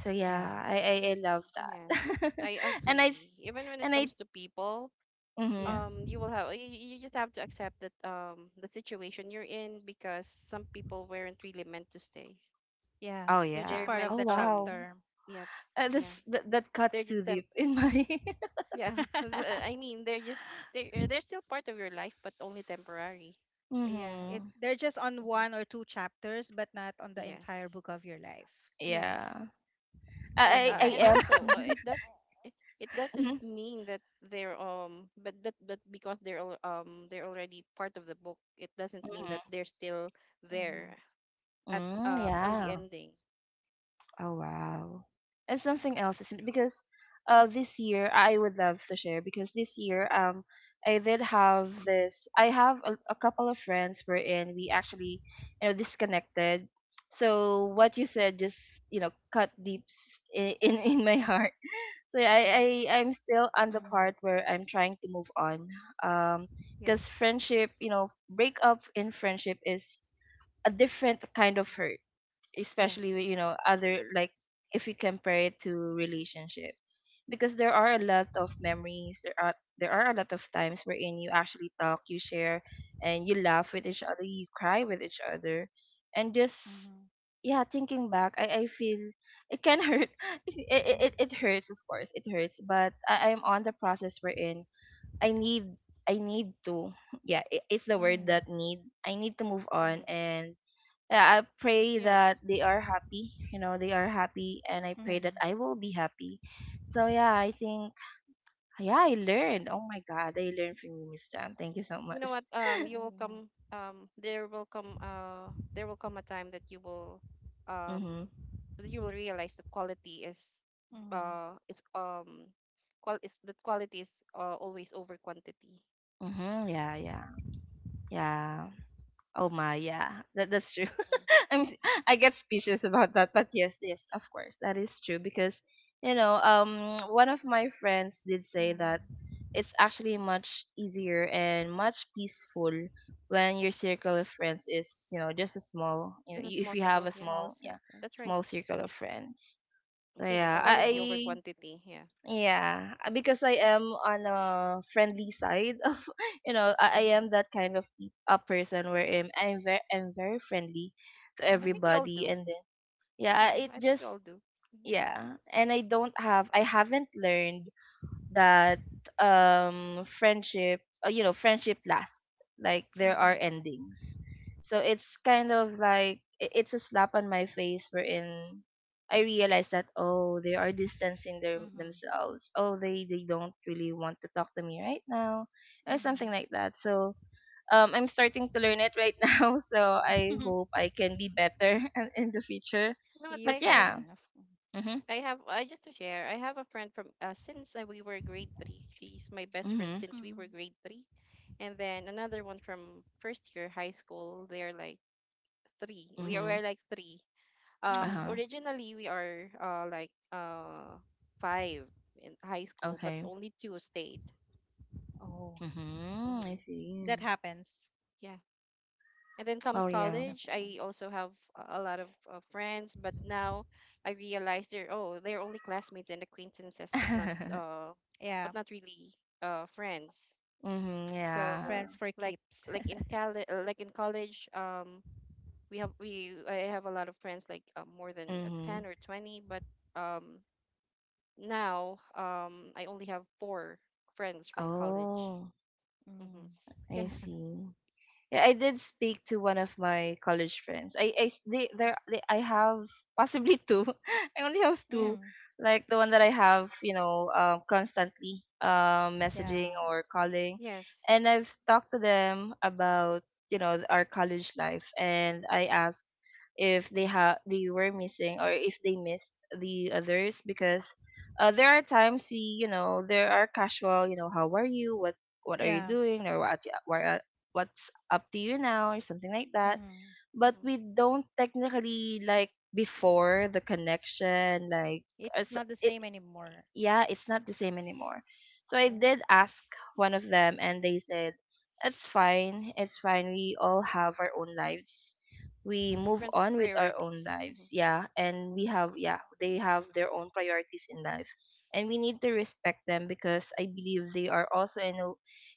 S1: so
S3: Yeah.
S1: yeah, i i, I love
S2: Yes.
S1: that.
S2: I
S1: and i
S2: agree. Even when
S1: and
S2: it
S1: I
S2: comes to people,
S3: Yeah.
S1: Hmm.
S2: um, you will have you, you just have to accept that um the situation you're in, because some people weren't really meant to stay.
S3: Yeah.
S1: Oh
S3: They're just
S2: They're
S1: yeah.
S3: part of
S1: Oh
S2: meant
S3: the
S1: wow.
S2: um
S3: chapter.
S2: yeah,
S1: uh,
S2: yeah.
S1: that's that, that cuts
S2: They're
S1: too
S2: just
S1: deep
S2: tem,
S1: in my—
S2: yeah. I mean, they're just they're they're still part of your life, but only temporary.
S3: Yeah. It
S1: Mm-hmm.
S3: They're just on
S2: Mhm.
S3: one or two chapters, but not on the entire book
S2: Yes.
S3: of your life.
S1: Yeah,
S2: Yes.
S3: Oh
S1: i i I
S2: uh,
S3: no.
S2: and
S1: am.
S2: also uh, it does it it
S1: Mhm,
S2: doesn't mean that they're um but that but because they're al- um they're already part of the book, it
S1: mhm,
S2: doesn't mean that
S1: mhm.
S2: they're still
S3: Mhm.
S2: there at
S1: Mm,
S2: um on the
S1: yeah.
S2: ending.
S1: Oh wow. And something else, isn't it? Because, uh this year I would love to share, because this year, um I did have this I have a, a couple of friends wherein we actually, you know, disconnected. So what you said just you know cut deep s- i- in in my heart. So yeah, I I
S2: Yeah.
S1: I'm still on the
S3: Mhm.
S1: part where I'm trying to move on. Um because
S2: Yeah.
S1: friendship, you know, breakup in friendship is a different kind of hurt, especially with,
S2: Yes.
S1: you know other, like, if you compare it to relationship. Because there are a lot of memories, there are there are a lot of times wherein you actually talk, you share, and you laugh with each other, you cry with each other, and just
S3: Mhm.
S1: yeah, thinking back, i, I feel it can hurt. it, it, it hurts, of course it hurts, but I, i'm on the process wherein i need i need to yeah, it, it's the word
S3: Mhm.
S1: that need, I need to move on.
S2: Mm-hmm.
S1: And yeah, I pray that
S2: Yes.
S1: they are happy. You know, they are happy, and I pray
S2: Yeah.
S1: that
S3: Mhm.
S1: I will be happy. So yeah, I think, yeah, I learned. Oh my God, I learned from you, Miss Jam. Thank you so
S2: You
S1: much.
S2: know what? um you will
S3: Mhm.
S2: come um there will come uh there will come a time that you will
S1: Mhm.
S2: um that you will realize the quality is
S3: Mhm.
S2: uh is um qual is that quality is uh, always over quantity.
S1: Mhm. Yeah. Yeah. Yeah. Oh my, yeah, that that's true.
S2: Mhm.
S1: I'm s- I get speechless about that, but yes, yes, of course, that is true. Because, you know, um, one of my friends did say that
S3: Mhm.
S1: it's actually much easier and much peaceful when your circle of friends is, you know just a small, you know
S2: This is the
S1: if you
S2: most
S1: have a
S2: circle. Yeah,
S3: Small
S1: small, yeah,
S3: circles.
S2: that's right.
S1: small circle of friends. So
S2: Again,
S1: yeah,
S2: it's
S3: Oh
S2: quality
S3: no.
S2: over
S1: I
S2: quantity. Yeah.
S1: yeah, uh, because I am on a friendly side of, you know, I, I am
S2: Hmm.
S1: that kind of pe- a person where I'm, I'm very I'm very friendly to
S2: I
S3: Mhm.
S2: think we all
S1: everybody.
S2: do.
S1: And then yeah, I-
S2: Yeah,
S1: it
S2: I think we
S1: just,
S2: all do. Mhm.
S1: yeah. And I don't have I haven't learned that um friendship uh, you know friendship lasts. Like, there are
S3: Mhm.
S1: endings. So it's kind of like, i- it's a slap on my face wherein I realize that, oh, they are distancing their,
S3: Mhm.
S1: themselves. Oh, they they don't really want to talk to me right now or something
S3: Mhm.
S1: like that. So um I'm starting to learn it right now, so I hope I can be better in the future.
S2: You know what?
S3: You
S1: But
S2: I have,
S1: yeah.
S3: can, of course.
S1: Mhm.
S2: I have, I just to share. I have a friend from uh, since uh, we were grade three. She's my best friend
S1: Mhm.
S2: since we were
S3: Mhm.
S2: grade three, and then another one from first year high school. They're like three. We are
S1: Mhm.
S2: we're like three. Um,
S3: Mhm.
S1: Uh-huh.
S2: originally, we are uh like uh five in high school, but
S1: Okay.
S2: only two stayed.
S3: Oh.
S1: Mhm, I
S2: Mm-hmm.
S1: see.
S3: That happens.
S2: Yeah. And then
S1: Oh
S2: comes
S3: Yeah,
S1: yeah.
S2: college,
S3: definitely.
S2: I also have a a lot of, of friends, but now I realize they're, oh, they're only classmates and acquaintances, but not uh
S3: Yeah,
S2: but not really uh friends.
S1: Mhm,
S3: friends
S2: So
S1: yeah.
S3: for
S2: like,
S3: keeps.
S2: like in college like in college, um we have we I have a lot of friends, like uh, more than uh,
S1: Mhm.
S2: ten or twenty, but um now um I only have four friends from college.
S1: Oh,
S3: Mm.
S2: Hmm.
S1: I
S2: Yeah.
S1: see. Yeah, I did speak to one of my college friends. I, I s- they, there
S2: Mhm.
S1: they, I have possibly two. I only have two,
S2: Yeah.
S3: Mm.
S1: like the one that I have, you know, um, constantly um,
S3: Yeah.
S1: messaging or calling,
S2: Yes.
S1: and I've talked to them about, you know our college life, and I asked if they have they were missing or if they missed the others. Because uh, there are times we you know there are casual, you know how are you, what what are you
S3: Yeah.
S1: doing, or what what what's up to you now or something like that.
S3: Mm.
S1: But
S2: Hmm.
S1: we don't technically, like, before the connection, like, as
S3: It's not the
S1: it,
S3: same anymore.
S1: yeah, it's not the same anymore. So I
S3: Yeah.
S1: did ask one of them, and they said, it's fine, it's fine. We all have our own lives. We
S3: Mm.
S1: move
S2: Different
S1: on with our own
S2: priorities. Mm-hmm.
S1: lives. Yeah, and we have, yeah, they have their own priorities in life. And we need to respect them, because I believe they are also in, a,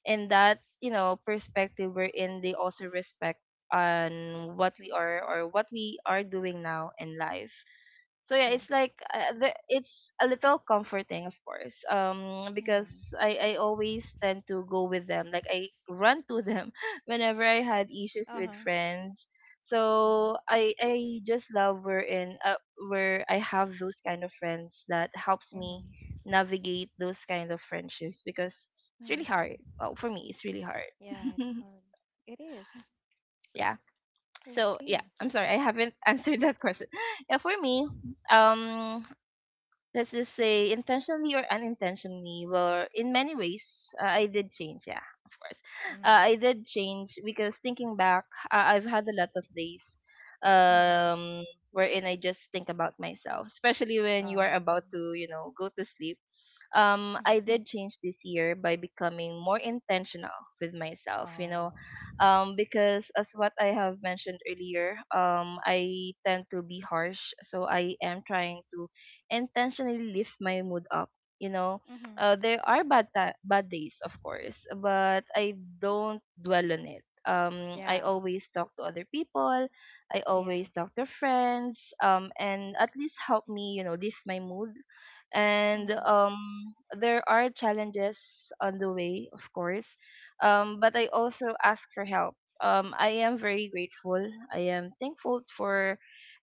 S1: in that, you know, perspective wherein they also respect on what we are or what we are doing now in life. So yeah,
S3: Sure.
S1: it's like uh, the, it's a little comforting, of course. Um because
S3: Mm.
S1: i i always tend to go with them, like I run to them whenever I had issues with
S3: Uh-huh.
S1: friends.
S2: Hmm.
S1: So i i just love where in uh, where I have those kind of friends that helps me
S3: Mm.
S1: navigate those kind of friendships, because it's really hard.
S3: Mm.
S1: Well, for me, it's really hard.
S3: Yeah, it's hard. It is.
S1: Yeah. So yeah,
S3: Okay.
S1: I'm sorry I haven't answered that question. Yeah, for me, um let's just say intentionally or unintentionally, well, in many ways, uh, I did change, yeah, of course. uh,
S3: Mm.
S1: I did change because, thinking back, uh, I've had a lot of days,
S3: Mm-hmm.
S1: um wherein I just think about myself, especially when you are about
S3: Um.
S1: to, you know go to sleep. um, I did change this year by becoming more intentional with myself, you know,
S3: Oh.
S1: um, because, as what I have mentioned earlier, um, I tend to be harsh. So I am trying to intentionally lift my mood up. You know,
S3: Mm-hmm.
S1: uh, there are bad ta- bad days, of course, but I don't dwell on it. Um, I
S3: Yeah.
S1: always talk to other people. I
S3: Yeah.
S1: always talk to friends. Um, and at least help me, you know, lift my mood. And
S3: Mm-hmm.
S1: um, there are challenges on the way, of course. Um, but I also ask for help. Um, I am very grateful. I am thankful for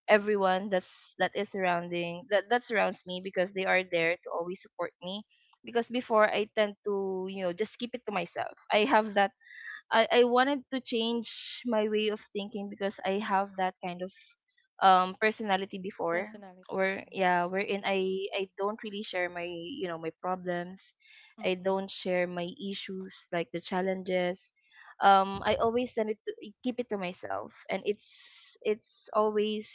S1: everyone that's that is surrounding, that that
S3: Mm.
S1: surrounds me, because they are there to always support me. Because before, I tend to, you know, just keep it to myself. I have that, I, I wanted to change my way of thinking, because I have that kind of um personality before,
S3: Personality.
S1: where
S3: Mm-hmm.
S1: yeah, wherein I I don't really share my, you know, my problems. I
S3: Mm-hmm.
S1: don't share my issues, like the challenges. um I always tend to keep it to myself, and it's it's always,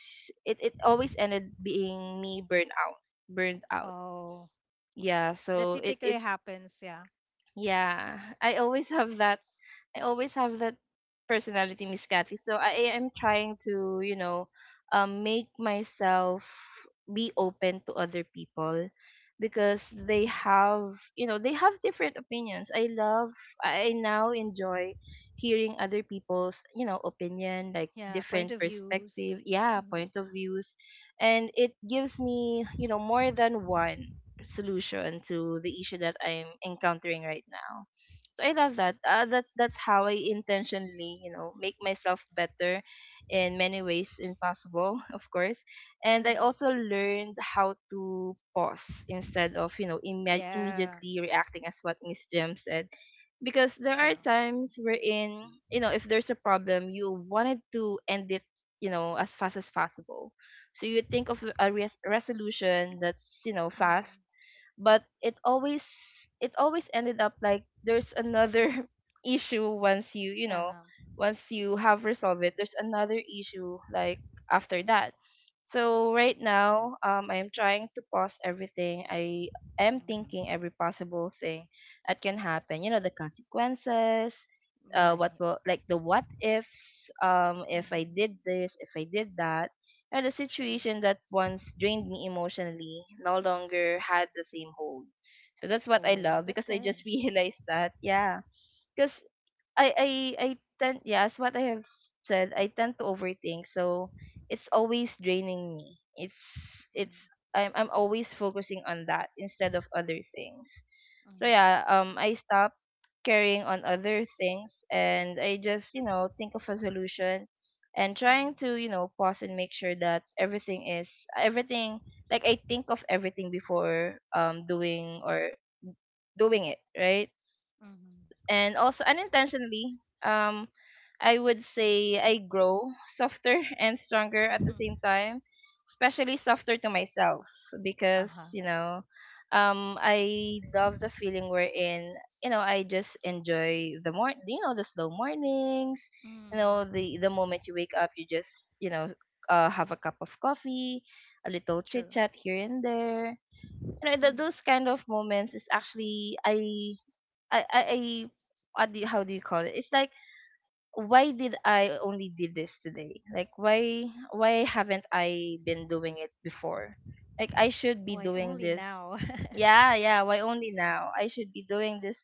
S1: it, it always ended being me burned out, burned out.
S3: Oh.
S1: Yeah,
S3: That
S1: so it,
S3: typically
S1: it,
S3: happens, yeah.
S1: yeah, I always have that. I always have that personality, Miss Kathy. So I am trying to, you know, um, make myself be open to other people, because they
S3: Mm.
S1: have, you know, they have different opinions. I love. I now enjoy hearing other people's, you know, opinion, like
S3: Yeah, point
S1: different
S3: of views.
S1: perspective, yeah,
S3: Hmm.
S1: point of views. And it gives me, you know, more than one solution to the issue that I'm encountering right now. So I love that. Uh, that's that's how I intentionally, you know, make myself better in many ways in possible, of course. And I
S3: Mm-hmm.
S1: also learned how to pause instead of, you know, imme-
S3: Yeah,
S1: immediately reacting, as what Miss Jem said. Because there are
S3: true.
S1: times wherein, you know, if there's a problem, you wanted to end it, you know, as fast as possible. So you think of a res- resolution that's, you know,
S3: Mhm.
S1: fast. But it always, it always ended up like there's another issue once you, you know,
S3: Um,
S1: once you have resolved it, there's another issue, like, after that. So right now, um I'm trying to pause everything. I am thinking
S3: mhm.
S1: every possible thing that can happen, you know, the consequences. Uh what
S3: Right.
S1: will, like, the what ifs, um if I
S3: Hmm.
S1: did this, if I did that. And the
S3: True.
S1: situation that once drained me emotionally no longer had the same hold. So that's what I
S3: Oh,
S1: love,
S3: that's
S1: because I
S3: good.
S1: just realized that, yeah. Because I I I tend, yeah, as what I have said, I tend to overthink, so it's always draining me. It's
S3: Mm-hmm.
S1: it's I'm I'm always focusing on that instead of other things. So
S3: Mm-hmm.
S1: yeah, um, I stopped carrying on other things, and I just, you know, think of a solution and trying to, you know, pause and make sure that everything is, everything, like, I think of everything before um doing, or doing it, right?
S3: Mm-hmm.
S1: And also unintentionally, um I would say I grow softer and stronger at the
S3: Mm-hmm.
S1: same time, especially softer to myself. Because,
S3: Uh-huh.
S1: you know, um I love the feeling we're in you know, I just enjoy the more, you know, the slow mornings. You know,
S3: Mm.
S1: the the moment you wake up, you just, you know, uh, have a cup of coffee, a little
S3: True.
S1: chit chat here and there. You know,
S3: Mm.
S1: th- those kind of moments is actually, i I I, I, what do you, how do you call it? It's like, why did I only did this today? Like, why why haven't I been doing it before? Like, I should be
S3: Why
S1: doing
S3: only
S1: this.
S3: now?
S1: Yeah, yeah. Why only now? I should be doing this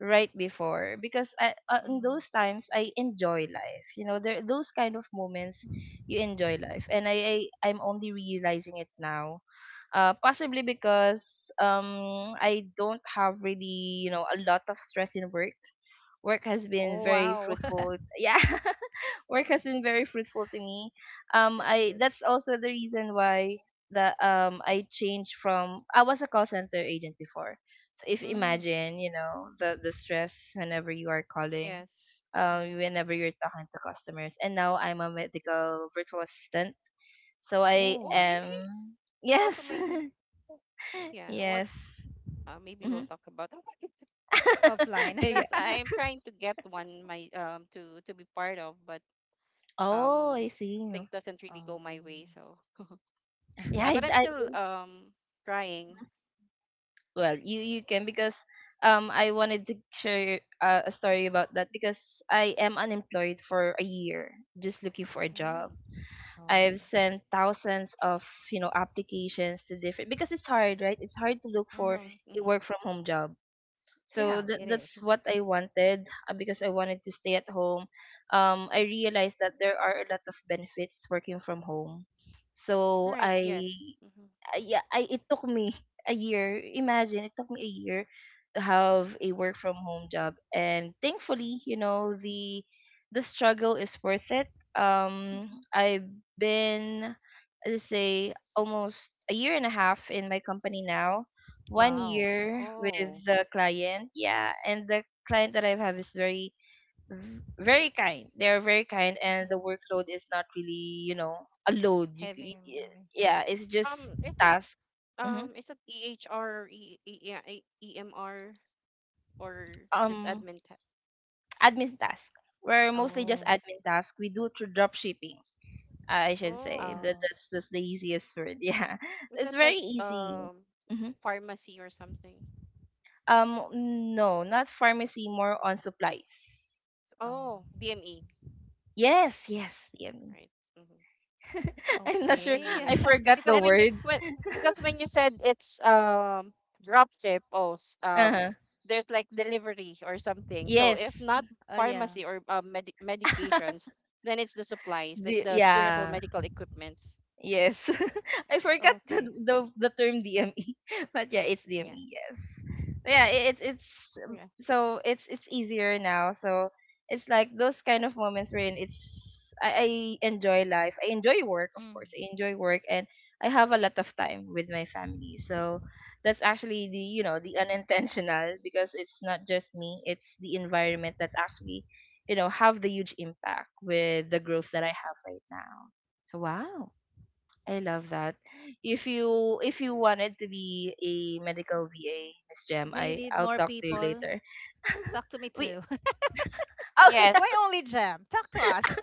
S1: right before, because I, uh, in
S3: Mhm.
S1: those times, I enjoy life. You know, there those kind of moments
S3: Mm.
S1: you enjoy life, and I, I I'm only realizing it now. Uh, possibly because um I don't have, really, you know, a lot of stress in work. Work has been
S3: Oh,
S1: very
S3: wow.
S1: fruitful. Yeah, work has been very fruitful to me. Um,
S3: That's
S1: I
S3: good.
S1: That's also the reason why, that um I changed from I was a call center agent before. So, if
S3: Mm.
S1: imagine, you know, the the stress whenever you are calling,
S2: Yes. Hmm.
S1: um, whenever you're talking to customers, and now I'm a medical virtual assistant. So I
S2: Oh,
S3: Ooh.
S2: really?
S1: am,
S2: That's
S1: yes,
S2: also my. Ni- yeah. What?
S1: yes.
S2: Uh, maybe we'll
S1: Hmm.
S2: talk about that
S3: Offline.
S1: Yeah.
S2: because I'm trying to get one my um to to be part of, but
S1: Oh,
S2: um
S1: I see.
S2: things doesn't really go my way.
S3: Um,
S2: So
S1: Yeah,
S2: yeah, but I'm
S1: I, I
S2: still um trying.
S1: Well, you you can, because
S2: Yep.
S1: um I wanted to share uh, a story about that, because I am unemployed for a year just looking for a job.
S2: Mm,
S3: oh.
S1: I've sent thousands of, you know, applications to different, because it's hard, right? It's hard to look for
S2: right.
S3: Hmm.
S1: a
S2: Mm-hmm.
S1: work from home job. So
S3: Yeah,
S1: that
S3: it.
S1: that's what I wanted uh, because I wanted to stay at home. Um, I realized that there are a lot of benefits working from home. So
S2: Right.
S1: I
S2: Yes. Mm-hmm.
S1: I, yeah, I, it took me a year. Imagine, it took me a year to have a work from home job, and thankfully, you know, the the struggle is worth it. Um,
S3: Mm-hmm.
S1: I've been, let's say, almost a year and a half in my company now. One
S3: Wow.
S1: year with
S2: Oh.
S1: the client, yeah, and the client that I have is very v- very kind. They're very kind, and the workload is not really, you know, a load. You,
S3: Having
S1: c-
S3: a
S1: y-
S3: menu.
S1: yeah, it's just
S2: Um. Is it
S1: task. hmm
S2: um is it E H R or E E yeah E- EMR or just
S1: Um,
S2: admin tech,
S1: admin task. We're mostly
S2: admin
S1: just
S3: Oh,
S2: tech?
S1: admin task. We do through drop shipping. I should
S2: Oh.
S1: say that
S3: oh,
S1: that's that's the easiest word. Yeah,
S2: Was
S1: so it's
S2: that
S1: very
S2: like
S1: easy.
S2: um
S1: hmm
S2: pharmacy or something?
S1: Um, no, not pharmacy. More on supplies.
S3: oh.
S2: Oh, B M E,
S1: Yes, yes, yummy.
S2: right? Hmm.
S1: I'm not
S2: I
S1: sure.
S2: knew
S3: Okay.
S1: I
S2: it,
S1: forgot the
S2: because when
S3: Let's.
S2: you
S1: word.
S2: when because when you said it's um drop ship, oh, s-
S1: Uh
S2: um,
S1: huh.
S2: there's like delivery or something. So
S1: Yes.
S2: if not
S3: Oh yeah.
S2: pharmacy or uh, med medications, then it's the supplies like
S1: The
S2: the durable
S1: yeah,
S2: medical equipments.
S1: yes. I
S2: Yep.
S1: forgot the,
S3: Okay.
S1: the the term D M E, but yeah, it's
S2: Yeah.
S1: D M E. Yes, yeah, i- it's it's um,
S2: Yeah.
S1: so it's it's easier now, so it's like those kind of moments wherein it's I, I enjoy life. I enjoy work, of
S3: Mm.
S1: course. I enjoy work, and I have a lot of time with my family, so that's actually, the you know, the unintentional. Because it's not just me, it's the environment that actually, you know, have the huge impact with the growth that I have right now. So wow, I love that. If you if you wanted to be a medical V A, Miss Jem,
S3: Do you
S1: I
S3: need
S1: I'll
S3: more
S1: talk to you
S3: people?
S1: later.
S3: Talk to me
S1: We
S3: too.
S1: Oh, yeah.
S3: Why
S2: Yes.
S3: only Jam? Talk to us.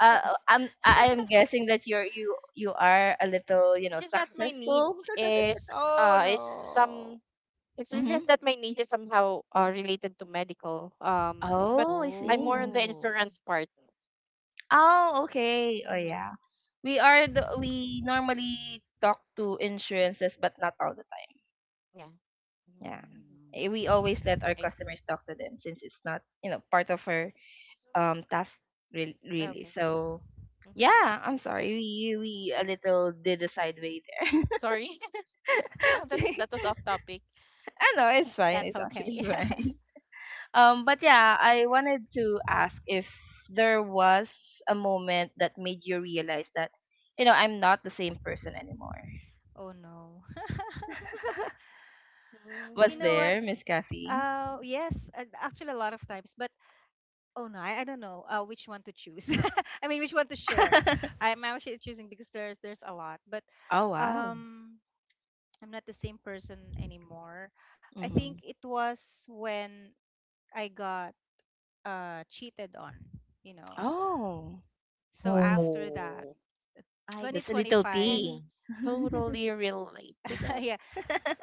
S1: uh, I'm I am guessing that you're you you are a little, you
S2: It's
S1: know,
S2: just that my niche
S1: successful.
S2: is
S3: Oh
S2: uh is
S3: no.
S2: some It's
S1: Mm-hmm.
S2: just that my niche is somehow uh, related to medical. Um, but
S1: Oh, I
S2: I'm more
S1: see.
S2: on the
S3: Oh.
S2: insurance part.
S1: Oh, okay. Oh,
S2: Mm-hmm.
S1: yeah. We are the we normally talk to insurances, but not all the time.
S2: Yeah.
S1: Yeah,
S2: Mm,
S1: eh, we
S3: Mm.
S1: always let our
S2: I see.
S1: customers talk to them since it's not, you know, part of our um task. Really, really.
S2: Okay.
S1: So
S2: Mm-hmm.
S1: yeah, I'm sorry. We we a little did a sideway there.
S2: Sorry. Wow, that that was off topic.
S1: I know it's fine.
S3: That's
S1: It's actually
S3: okay.
S1: fine. Um, but yeah, I wanted to ask if there was a moment that made you realize that, you know, I'm not the same person anymore.
S3: Oh no.
S1: Was
S3: You know what?
S1: there,
S2: Mm,
S1: Miss Kathy?
S3: Uh, yes. uh, Actually, a lot of times, but oh no, I, I don't know uh, which one to choose. I mean, which one to share. I'm actually choosing because there's there's a lot, but
S1: Oh wow.
S3: um, I'm not the same person anymore. I think
S1: Hmm.
S3: it was when I got uh cheated on, you know.
S1: Oh,
S3: So after that,
S2: oh, I
S1: that's a little
S3: twenty twenty-five,
S2: can
S1: tea.
S2: totally relate to that.
S3: yeah,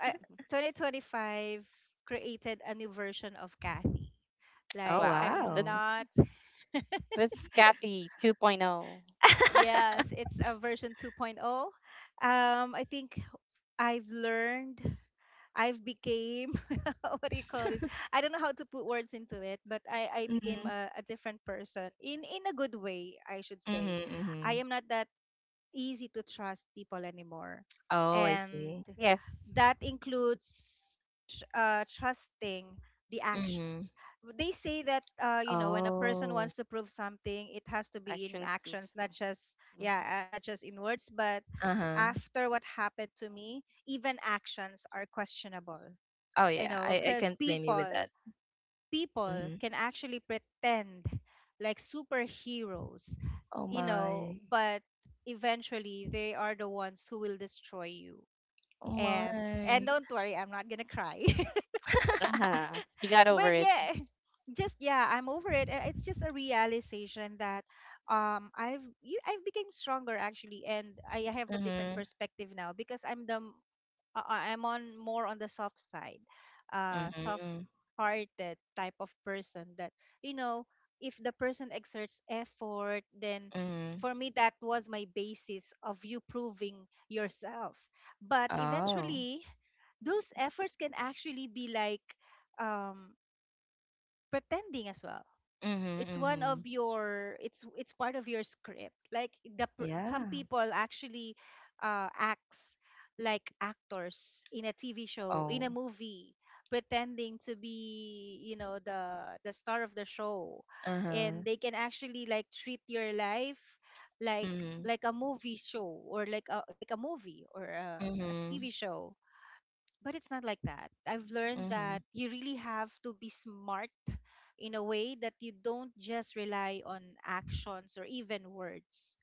S3: I,
S2: Mhm.
S3: twenty twenty-five created a new version of Kathy.
S1: Oh
S3: Like
S2: Wow,
S3: I'm
S1: wow.
S2: that's
S3: not.
S2: that's Kathy 2.0.
S3: Yes, it's a version 2.0. Um, I think I've learned, I've became, what do you call this? I don't know how to put words into it, but I, I became
S1: Mhm.
S3: a a different person in in a good way, I should say.
S1: Mhm,
S3: I
S1: mhm.
S3: am not that easy to trust people anymore.
S1: Oh, I
S3: And
S1: see.
S2: Yes,
S3: that includes tr- uh, trusting the
S1: Mhm.
S3: actions. They say that, uh, you know, when a person
S1: Oh.
S3: wants to prove something, it has to be in
S2: action
S3: actions,
S2: speaks.
S3: not just,
S2: Mhm.
S3: yeah, uh, not just in words, but
S1: Uh-huh.
S3: after what happened to me, even actions are questionable,
S1: Oh
S3: you
S1: yeah,
S3: know,
S1: I I
S3: because
S1: can't blame you with
S3: people,
S1: that.
S3: people
S1: Mhm.
S3: can actually pretend like superheroes,
S1: Oh
S3: you know.
S1: my.
S3: But eventually they are the ones who will destroy you.
S1: Oh
S3: and and
S1: my.
S3: don't worry, I'm not gonna cry,
S2: Uh-huh. She got over
S3: but
S2: it.
S3: yeah. Just, yeah, I'm over it. Uh, it's just a realization that um i've you I've become stronger actually, and I have a different
S1: Mhm.
S3: perspective now because i'm the m- uh, uh, I'm on more on the soft side, uh soft
S1: Mhm.
S3: hearted type of person that, you know, if the person exerts effort, then
S1: Mhm.
S3: for me that was my basis of you proving yourself. But
S1: Oh.
S3: eventually those efforts can actually be like, um, pretending as well.
S1: Mhm,
S3: It's one of
S1: mhm.
S3: your, it's it's part of your script. Like the per- some
S1: Yeah.
S3: people actually uh acts like actors in a TV show, in a
S1: Oh.
S3: movie, pretending to be, you know, the the star of the show.
S1: Uh-huh.
S3: And they can actually like treat your life like
S1: Mhm.
S3: like a movie show or like a, like a movie or a, a
S1: Mhm.
S3: TV show. But it's not like that. I've learned that
S1: Mhm.
S3: you really have to be smart in a way that you don't just rely on actions or even words.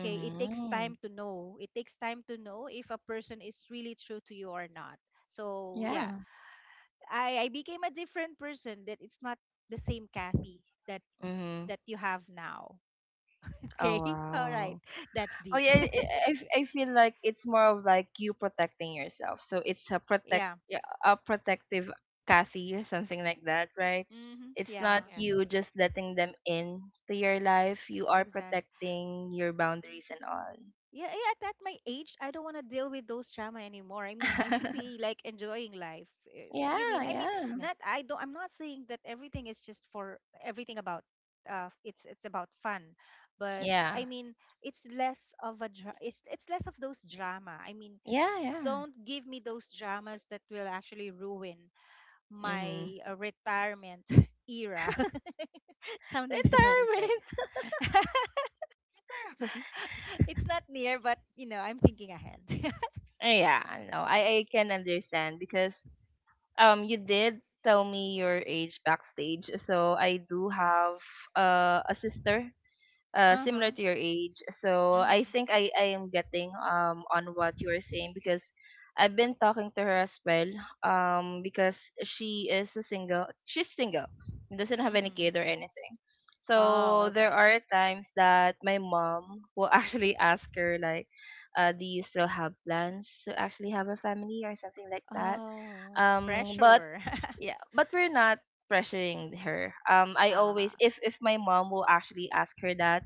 S3: Okay, it takes time to know. It takes time to know if a person is really true to you or not. So yeah,
S1: Yeah.
S3: I, I became a different person. That it's not the same Kathy that
S1: Mhm.
S3: that you have now.
S1: Oh
S3: Okay, all right,
S1: wow.
S3: that's
S1: Oh
S3: deep.
S1: yeah, I, I I feel like it's more of like you protecting yourself. So it's a protect,
S3: Yeah.
S1: yeah, a protective Kathy or something like that, right?
S3: Mm-hmm.
S1: It's not
S3: Yeah.
S2: Yeah.
S1: you just letting them in to your life. You are
S3: Exactly.
S1: protecting your boundaries and all.
S3: Yeah, yeah, at that my age, I don't want to deal with those drama anymore. I mean, I should be like enjoying life. Eh,
S1: Yeah,
S3: you mean? I mean,
S2: Yeah.
S1: yeah.
S3: not I don't I'm not saying that everything is just for everything about uh it's it's about fun. But
S1: Yeah.
S3: I mean, it's less of a dra- it's it's less of those drama. I mean,
S1: Yeah, yeah.
S3: don't give me those dramas that will actually ruin
S1: Mm-hmm.
S3: my uh, retirement era. Something to that effect.
S1: Retirement.
S3: It's not near, but you know, I'm thinking ahead.
S1: Yeah, no, I, I can understand because um you did tell me your age backstage, so I do have uh, a sister uh, similar
S3: Uh-huh.
S1: to your age, so I
S3: Mhm.
S1: think I, I am getting um on what you are saying, because I've been talking to her as well. Um because she is a single she's single, doesn't have any
S3: Mhm.
S1: kid or anything,
S3: Oh,
S1: so there
S3: okay.
S1: are times that my mom will actually ask her like, uh, do you still have plans to actually have a family or something like that.
S3: Oh,
S1: Um but
S3: pressure.
S1: yeah, but we're not pressuring her. Um, I always,
S3: Ah,
S1: if if my mom will actually ask her that,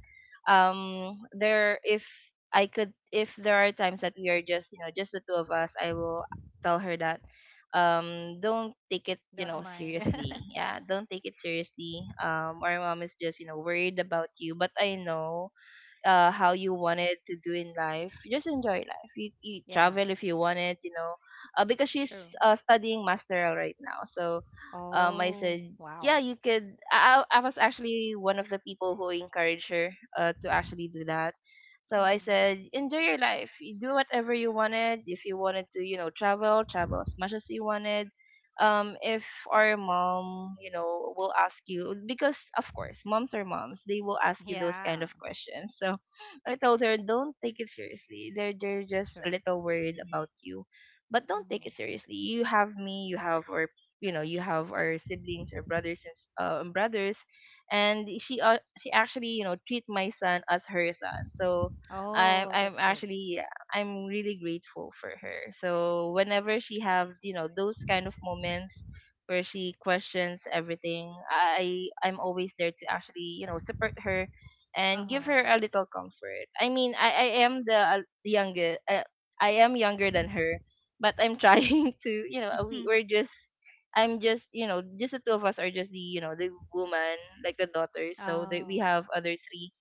S1: um, there if I could, if there are times that we are just, you know, just the two of us, I will tell her that, um, don't take it, you
S3: don't
S1: know,
S3: mind.
S1: seriously. Yeah, don't take it seriously. Um, our mom is just, you know, worried about you, but I know uh how you wanted to do in life. Just enjoy life. you, you
S3: Yeah,
S1: travel if you want it, you know. Uh, because she's
S3: true.
S1: uh, studying masteral right now, so um I said,
S3: Oh,
S1: yeah,
S3: wow.
S1: you could. I, I I was actually one of the people who encouraged her uh, to actually do that. So I
S3: Mhm.
S1: said, enjoy your life. You do whatever you wanted. If you wanted to, you know, travel, travel as much as you wanted. Um if our mom, you know, will ask you, because of course moms are moms, they will ask you those kind
S3: Yeah,
S1: of questions. So I told her, don't take it seriously. They're they're just
S3: true.
S1: a little worried about you, but don't take
S3: Mhm.
S1: it seriously. You have me. You have our, you know, you have our siblings or brothers and s- uh, and brothers. And she, uh, she actually, you know, treat my son as her son. So
S3: Oh,
S1: i'm
S3: that's
S1: i'm
S3: good.
S1: actually, I'm really grateful for her. So whenever she have, you know, those kind of moments where she questions everything, I I'm always there to actually, you know, support her and give
S3: Uh-huh.
S1: her a little comfort. I mean, I I am the uh, youngest. Uh, I am younger than her, but I'm trying to, you know, we we're just, I'm just, you know, just the two of us are just the, you know, the woman, like the daughter. So that we
S3: Oh.
S1: have other three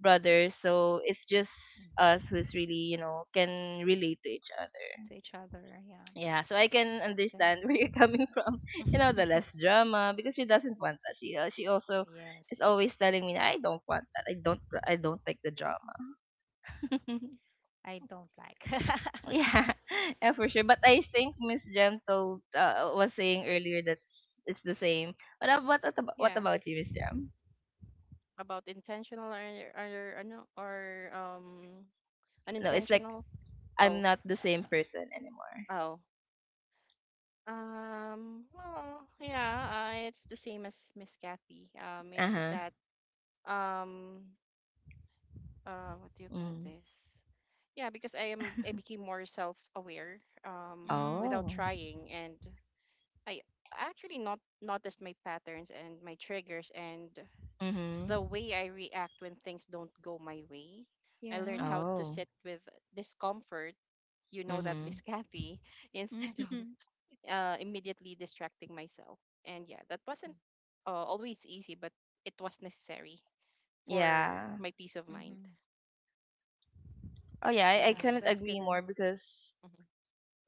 S1: brothers, so it's just us who's
S3: Mhm.
S1: really, you know, can relate to each other.
S3: To each other, yeah.
S1: Yeah, so I can
S3: That's good.
S1: understand where you're coming from. You know, the less drama, because she doesn't want that. She, uh, she also
S3: Yes.
S1: is always telling me, I don't want that. I don't I don't like the drama.
S3: I don't like.
S1: Yeah, yeah, for sure. But I think Miss Jem told, uh, was saying earlier that s- it's the same. What ab- what ab- what
S2: Yeah.
S1: about you, Miss Jem?
S2: About intentional or or ano or um
S1: No, it's like
S2: unintentional. Oh.
S1: I'm not the same person anymore.
S2: Oh. Um, well, yeah, uh, it's the same as Miss Kathy. Um, it's
S1: Uh
S2: just
S1: huh.
S2: that um uh, what do you call
S1: Mm.
S2: this? Yeah, because I am I became more self-aware um without
S3: Mm.
S1: Oh.
S2: trying, and I actually not noticed my patterns, and my triggers, and
S1: Mm-hmm.
S2: the way I react when things don't go my way. I learned
S3: Yeah.
S2: how to
S1: Oh.
S2: sit with discomfort, you know that, Miss
S1: Mm-hmm.
S2: Kathy, instead of
S3: Mhm.
S2: uh, immediately distracting myself. And yeah, that wasn't uh, always easy, but it was necessary for
S1: Yeah.
S2: my peace of mind.
S3: Mhm.
S1: Oh yeah, I, I
S3: Yeah,
S1: couldn't
S2: Mm-hmm,
S3: that's
S1: agree
S3: good.
S1: more because
S2: mm-hmm,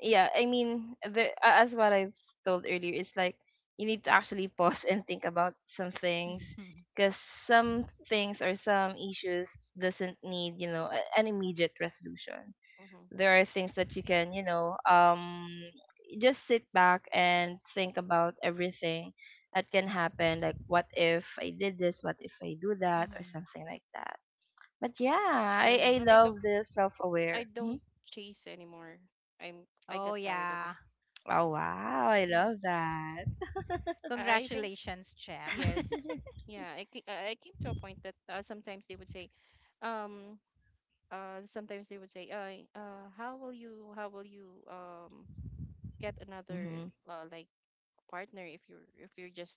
S1: yeah, I mean, the a- as what I've told earlier, it's like you need to actually pause and think about some things, because some things or some issues doesn't need, you know, a- an immediate resolution.
S2: mm-hmm.
S1: There are things that you can, you know, um just sit back and think about everything that can happen, like what if I did this, what if I do that or
S3: Mm-hmm.
S1: something
S2: Yep.
S1: like that. But yeah,
S3: True.
S1: I, I
S2: And I don't,
S1: love this self
S2: I
S1: aware.
S2: don't
S1: Mhm.
S2: chase anymore. I'm, I got
S3: Oh,
S2: tired of it.
S3: yeah.
S1: Oh wow, I
S2: Yeah,
S1: love
S3: S-
S1: that.
S2: I, I think
S3: Congratulations, Jem.
S2: yes. Yeah, I, ca- I I came to a point that uh, sometimes they would say, um uh sometimes they would say uh, uh how will you how will you um get another
S1: Mhm.
S2: uh, like partner if you're if you're just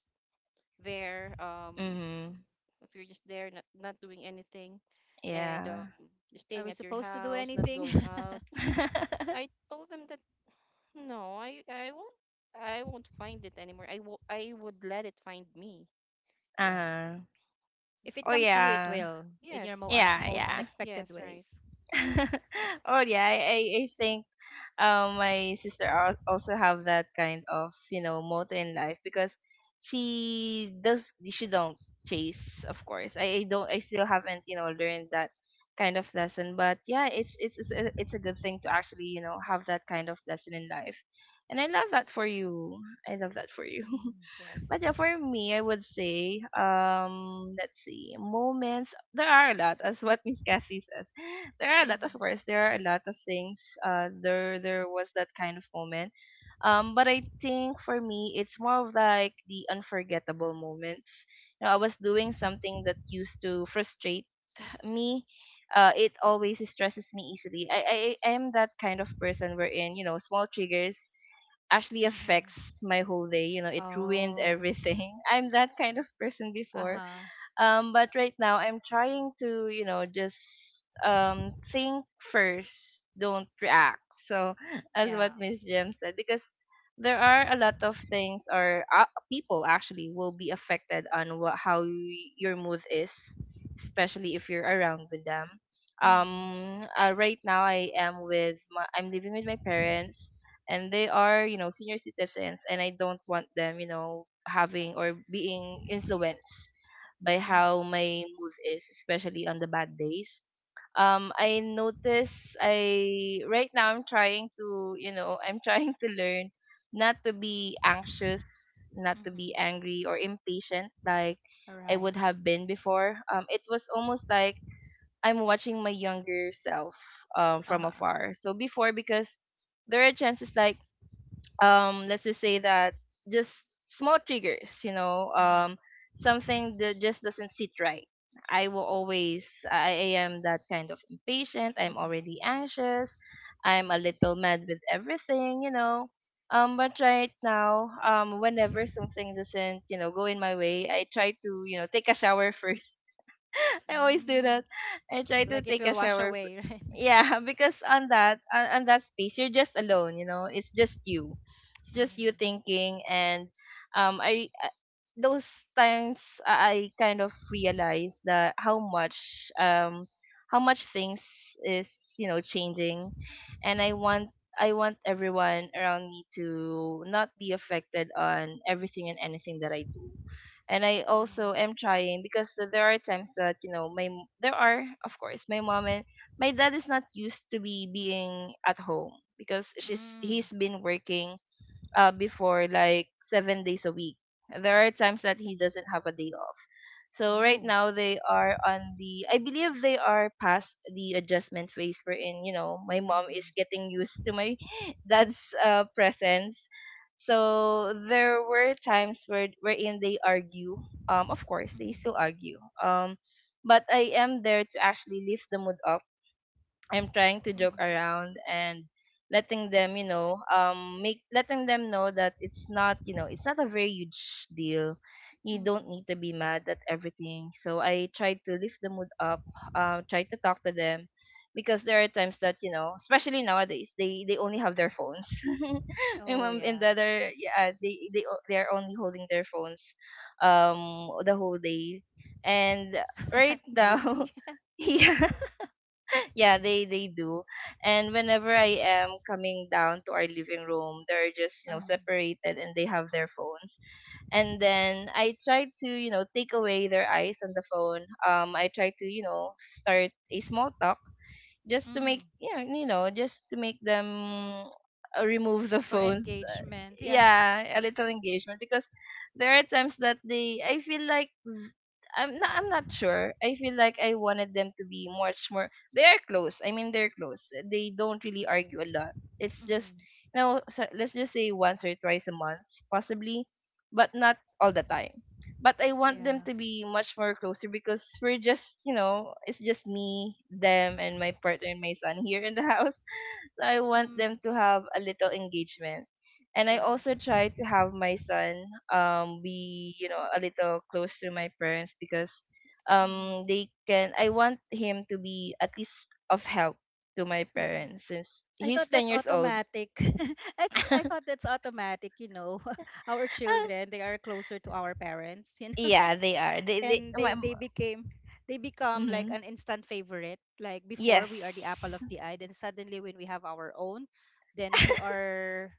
S2: there um
S1: Mhm.
S2: if you're just there not not doing anything, and um
S1: Yeah.
S2: staying
S3: Are we
S2: at your
S3: supposed to do
S2: house, not
S3: anything?
S2: going out. I told them that no, i i won't, I won't find it anymore. i will I would let it find me.
S3: Yeah.
S1: Uh-huh.
S3: If
S2: Mhm.
S3: it
S1: Oh
S3: comes to you, it
S1: yeah.
S3: will in your mo-
S2: Yes.
S3: uh,
S1: Yeah,
S3: most
S1: yeah.
S3: unexpected
S2: Yes. Right.
S3: ways.
S1: Oh yeah, I, I I think um my sister al- also have that kind of, you know, motto in life, because she does, she don't chase. Of course I, I don't I still haven't, you know, learned that kind of lesson, but yeah, it's it's it's a, it's a good thing to actually, you know, have that kind of lesson in life. And I love that for you. I love that for you.
S3: Mm.
S2: Yes.
S1: But yeah, for me, I would say, um, let's see, moments. There are a lot, as what Miss Cassie says. There are a lot,
S3: Mm-hmm.
S1: of course. There are a lot of things. Uh, there, there was that kind of moment. Um, but I think for me, it's more of like the unforgettable moments. You know, I was doing something that used to frustrate me. Uh, it always stresses me easily. I, I, I am that kind of person wherein, you know, small triggers actually
S3: Mm-hmm.
S1: affects my whole day. You know, it ruined
S3: Oh.
S1: everything. I'm that kind of person
S3: Uh
S1: before.
S3: huh.
S1: Um, but right now I'm trying to, you know, just um think first, don't react. So as
S3: Yeah.
S1: what Miss Jim said, because there are a lot of things or uh, people actually will be affected on what how y- your mood is, especially if you're around with them.
S3: Mm-hmm.
S1: Um, uh, right now I am with my, I'm living with my parents, and they are, you know, senior citizens, and I don't want them, you know, having or being influenced by
S3: Mm-hmm.
S1: how my mood is, especially on the bad days. Um, I notice I right now I'm trying to, you know, I'm trying to learn not to be anxious, not to
S3: Mm-hmm.
S1: be angry or impatient like
S3: All
S1: I
S3: right.
S1: would have been before. Um, it was almost like I'm watching my younger self um,
S3: Uh
S1: from
S3: huh.
S1: afar. So before, because there are chances like um let's just say that just small triggers you know
S3: Mm-hmm.
S1: um Something that just doesn't sit right, I will always I I am that kind of impatient. I'm
S3: Mm-hmm.
S1: already anxious, I'm a
S3: Mm-hmm.
S1: little mad with everything you know um But right now, um whenever something doesn't, you know, go in my way, I try to, you know, take a shower first. I always do that.
S3: Mm.
S1: I try to
S3: Like it
S1: take a
S3: will wash
S1: shower.
S3: away, right?
S1: Yeah, because on that on, on that space you're just alone, you know. It's just you. It's just you
S3: Mm.
S1: thinking and um I uh, those times I I kind of realized that how much um how much things is, you know, changing. And I want, I want everyone around me to not be affected on everything and anything that I do. And I also
S3: Mm.
S1: am trying because there are times that, you know, my m- there are, of course, my mom, and my dad is not used to be being at home because she's he's
S3: Mm.
S1: been working uh before, like seven days a week. There are times that he doesn't have a day off. So right
S3: No.
S1: now they are on the, I believe they are past the adjustment phase wherein, you know, my mom is
S3: Mm-hmm.
S1: getting used to my dad's uh presence. So there were times where wherein they argue. Um of course they
S3: Mm-hmm.
S1: still argue. Um but I am there to actually lift the mood up. I'm trying to joke
S3: Mm-hmm.
S1: around and letting them, you know, um, make letting them know that it's not, you know, it's not a very huge deal. You don't
S3: Mm-hmm.
S1: need to be mad at everything. So I try to lift the mood up, uh, try to talk to them, because there are times that, you know, especially nowadays, they they only have their phones, and
S3: Oh,
S1: um, and the
S3: yeah.
S1: other, yeah, they they o- they are only holding their phones, um, the whole day, and right now.
S3: Guilty.
S1: Yeah, yeah, they they do. And whenever I am coming down to our living room, they're just, you know,
S3: Um,
S1: separated and they have their phones. And then I try to, you know, take away their eyes on the phone. Um I try to, you know, start a small talk just to make,
S3: mm.
S1: yeah, you know, just to make them uh, remove the
S3: For
S1: phones.
S3: engagement, yeah.
S1: Yeah, a little engagement because there are times that they I feel like th- i'm not I'm not sure. I feel like I wanted them to be much more, they are close. I mean, they're close, they don't really argue a lot. It's just,
S3: Mm.
S1: you know, so let's just say once or twice a month, possibly, but not all the time. But I want them
S3: Yeah.
S1: to be much more closer because we're just, you know, it's just me, them, and my partner, and my son here in the house. I want
S3: Mm.
S1: them to have a little engagement. And I
S3: True.
S1: also try to have my son um be, you know, a little close to my parents because
S3: Mm.
S1: um they can I want him to be at least of help to my
S3: Mhm.
S1: parents since
S3: I
S1: he's
S3: thought
S1: ten
S3: that's
S1: years old.
S3: automatic. I think I thought that's automatic, you know. Our
S1: Ah,
S3: children, they are closer to our parents, you know.
S1: yeah, they are. They they
S3: And
S1: my,
S3: they they became they become like
S1: mm,
S3: an instant favorite. Like before we are the apple
S1: yes.
S3: of the eye, then suddenly when we have our own, then we are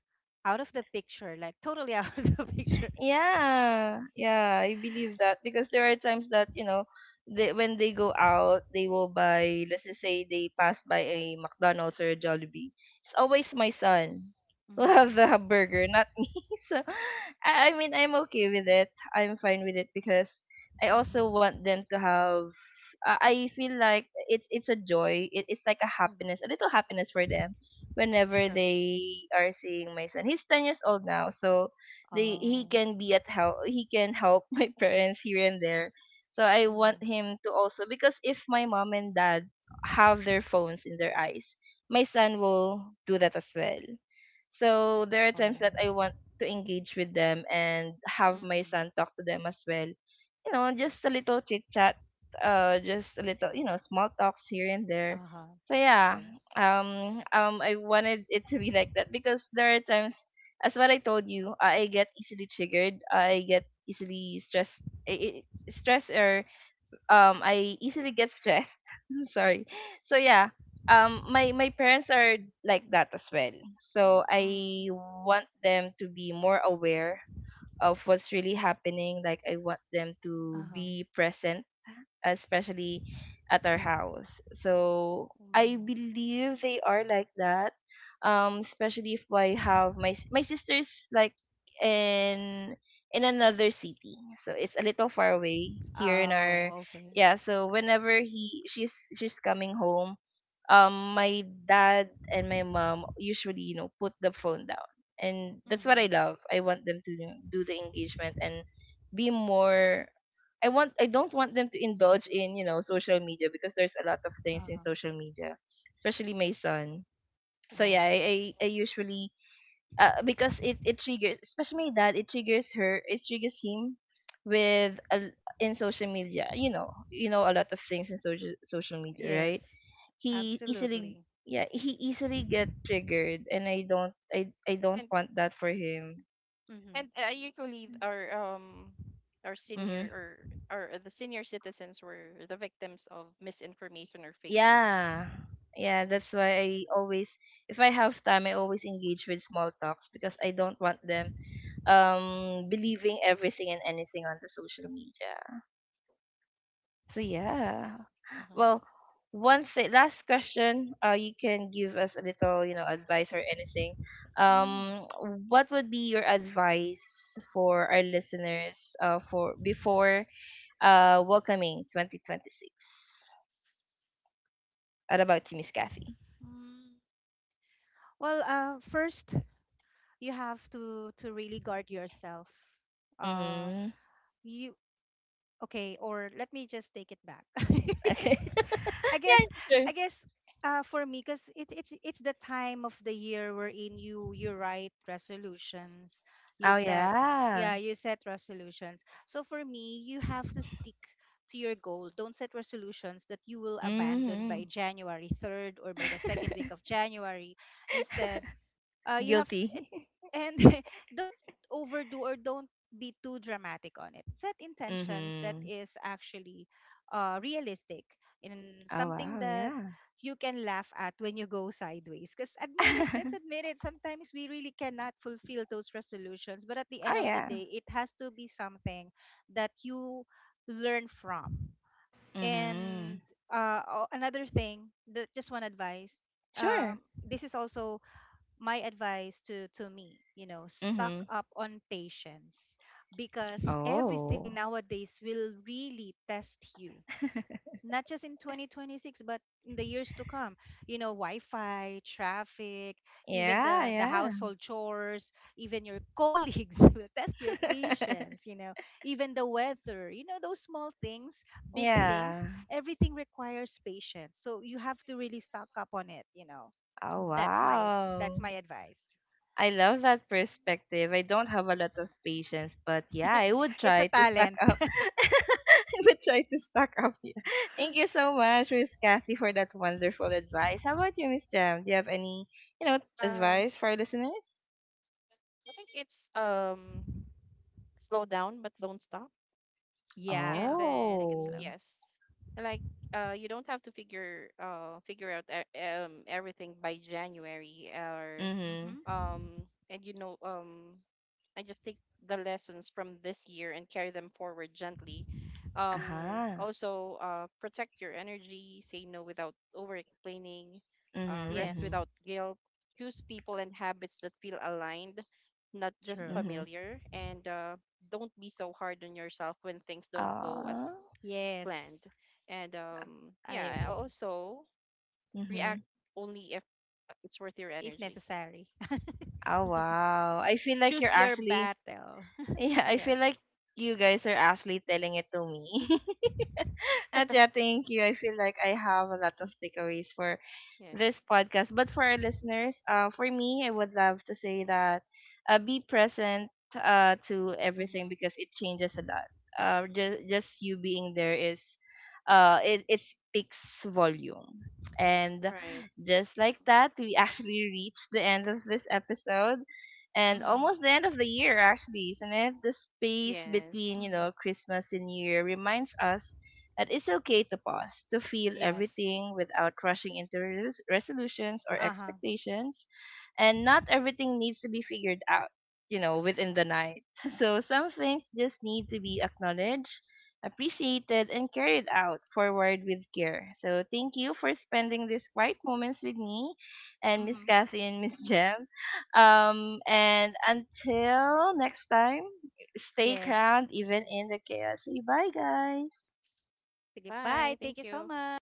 S3: out of the picture, like totally out of the picture.
S1: Yeah, yeah, I believe that because there are times that, you know, they, when they go out, they will buy. Let's just say they pass by a McDonald's or a Jollibee. It's always my son who have
S3: Mm.
S1: the burger, not me. So, I, I mean, I'm okay with it. I'm fine with it because I also
S3: Hmm.
S1: want them to have. I I feel like it's it's a joy. It, it's like a happiness, a
S3: Hmm.
S1: little happiness for them whenever
S3: True.
S1: they are seeing my son. He's ten years old now, so they he
S3: Oh.
S1: can be at help, he can help my parents here and there. So I want
S3: Hmm.
S1: him to also, because if my mom and dad have their phones in their eyes, my son will do that as well. So there are times that
S3: Oh.
S1: I want to engage with them and have my
S3: Hmm.
S1: son talk to them as well. You know, just a little chit chat, uh, just a little, you know, small talks here and there.
S3: Uh-huh.
S1: So yeah,
S3: True.
S1: um, um, I wanted it to be like that because there are times, as what I told you, I get easily triggered. I get easily stressed. I, I, stress, or um, I easily get stressed. Sorry. So yeah, um, my my parents are like that as well. So
S3: Hmm.
S1: I want them to be more aware of what's really happening. Like I want them to
S3: Uh-huh.
S1: be present especially at our house. So I
S3: Mm-hmm.
S1: believe they are like that. Um, especially if I have my s- my sister's like in in another city, so it's a little far away here in our,
S3: Oh, okay.
S1: yeah. So whenever he she's she's coming home, um, my dad and my mom usually, you know, put the phone down, and that's what I
S3: Hmm.
S1: love. I want them to do the engagement and be more, I want, I don't want them to indulge in, you know, social media because there's a lot of things in
S3: Uh-huh.
S1: social media, especially my son. So yeah,
S3: Wow.
S1: I I, I usually uh, because it it triggers especially my dad, it triggers her, it triggers him with a, in social media. You know, you know a lot of things in social social media, right?
S3: Yes.
S1: He easily,
S3: Absolutely.
S1: yeah, he easily get triggered, and I don't I I don't
S2: And
S1: want that for him.
S2: And
S3: Hmm.
S2: uh, usually our um our senior,
S1: Mm-hmm.
S2: or or the senior citizens were the victims of misinformation or fake news.
S1: Yeah. Yeah,
S2: Hmm.
S1: that's why I always, if I have time, I always engage with small talks because I don't want them um believing everything and anything on the social media. So
S2: Yes.
S1: yeah.
S2: Uh-huh.
S1: Well, one thing, last question, uh you can give us a little, you know, advice or anything.
S3: Mm.
S1: Um what would be your advice for our listeners uh for before uh welcoming twenty twenty-six? What about you, Miss Kathy?
S3: Mm-hmm. Well, uh, first you have to to really guard yourself. Uh,
S1: Mhm.
S3: you Okay, or let me just take it back.
S1: Okay.
S3: i guess
S1: Yeah, sure.
S3: i guess uh, for me, because it, it's it's the time of the year wherein you you write resolutions, you
S1: Oh,
S3: set,
S1: yeah.
S3: yeah, you set resolutions. So for me, you have to stick to your goal. Don't set resolutions that you will abandon by
S1: Mhm.
S3: January third or by the second week of January. Instead, uh, you have
S1: Guilty.
S3: it, and don't overdo or don't be too dramatic on it. Set intentions that
S1: Mhm.
S3: is actually uh, realistic, in
S1: Oh,
S3: something
S1: wow,
S3: that
S1: yeah.
S3: you can laugh at when you go sideways, because admit it, let's admit it, sometimes we really cannot fulfill those resolutions, but at the
S1: Oh,
S3: end of the
S1: yeah.
S3: day, it has to be something that you learn from. And
S1: Mhm.
S3: uh, o- another thing, that just one advice,
S1: Sure.
S3: um, this is also my advice to to me: you know, stock
S1: Mhm.
S3: up on patience, because everything
S1: Oh.
S3: nowadays will really test you, not just in twenty twenty-six, but in the years to come, you know, wi-fi, traffic, even
S1: Yeah,
S3: the the
S1: yeah.
S3: household chores, even your colleagues will test your patience, you know, even the weather, you know, those small things, big things,
S1: Yeah.
S3: everything requires patience. So you have to really stock up on it, you know.
S1: Oh,
S3: That's my, that's
S1: wow.
S3: my advice.
S1: I love that perspective. I don't have a lot of patience, but yeah, I
S2: Yes.
S1: would
S3: It's a
S1: try to stock
S3: talent.
S1: up. I would try to stock up. Yeah. Thank you so much, Miss Kathy, for that wonderful advice. How about you, Miss Jam? Do you have any, you know,
S2: Uh,
S1: advice for our listeners?
S2: I think it's um slow down but don't stop. And
S3: Yeah,
S2: then
S3: take it slow.
S1: Oh.
S2: yes, like uh you don't have to figure uh figure out e- um everything by January or
S1: Mhm.
S3: Mhm.
S2: um and you know, um I just take the lessons from this year and carry them forward gently. Um
S1: Aha.
S2: also, uh protect your energy, say no without over explaining, uh
S1: Mhm.
S2: rest
S1: Mhm.
S3: Yes.
S2: without guilt, choose people and habits that feel aligned, not just
S3: True.
S1: Mhm.
S2: familiar. And uh don't be so hard on yourself when things don't go
S1: Ah.
S2: as
S3: Yes.
S2: planned. And um
S3: I
S2: yeah,
S3: agree.
S2: also react
S1: Mhm.
S2: only if it's worth your
S3: If
S2: energy.
S3: necessary.
S1: Oh wow. I feel like you're
S3: Choose your
S1: actually.
S3: battle.
S1: Yeah, I feel
S2: Yes.
S1: like you guys are actually telling it to me. At yeah, thank you. I feel like I have a lot of takeaways for
S2: Yes.
S1: this podcast. But for our listeners, uh, for me, I would love to say that uh, be present, uh, to everything
S3: Mm-hmm.
S1: because it changes a lot. Uh, just, just you being there is, uh, it, it speaks volume. And
S2: Right.
S1: just like
S2: Mhm.
S1: that, we actually reached the end of this episode and
S3: Mm-hmm.
S1: almost the end of the year, actually, isn't it? The space
S2: Yes.
S1: between, you know,
S3: Mm-hmm.
S1: Christmas and New Year reminds us that it's okay to pause, to feel
S3: Yes.
S1: everything without rushing into res- resolutions or
S3: Uh huh.
S1: expectations. And not everything needs to be figured out, you know, within the night. So some things just need to be acknowledged, appreciated, and carried out forward with care. So thank you for spending these quiet moments with me and Miss
S3: Mm-hmm.
S1: Kathy and Miss Jem. Um, and until next time, stay
S3: Yes.
S1: crowned even in the chaos. Say bye, guys.
S3: Sige,
S2: Bye.
S3: bye.
S2: Thank
S3: Thank you
S2: you.
S3: so much.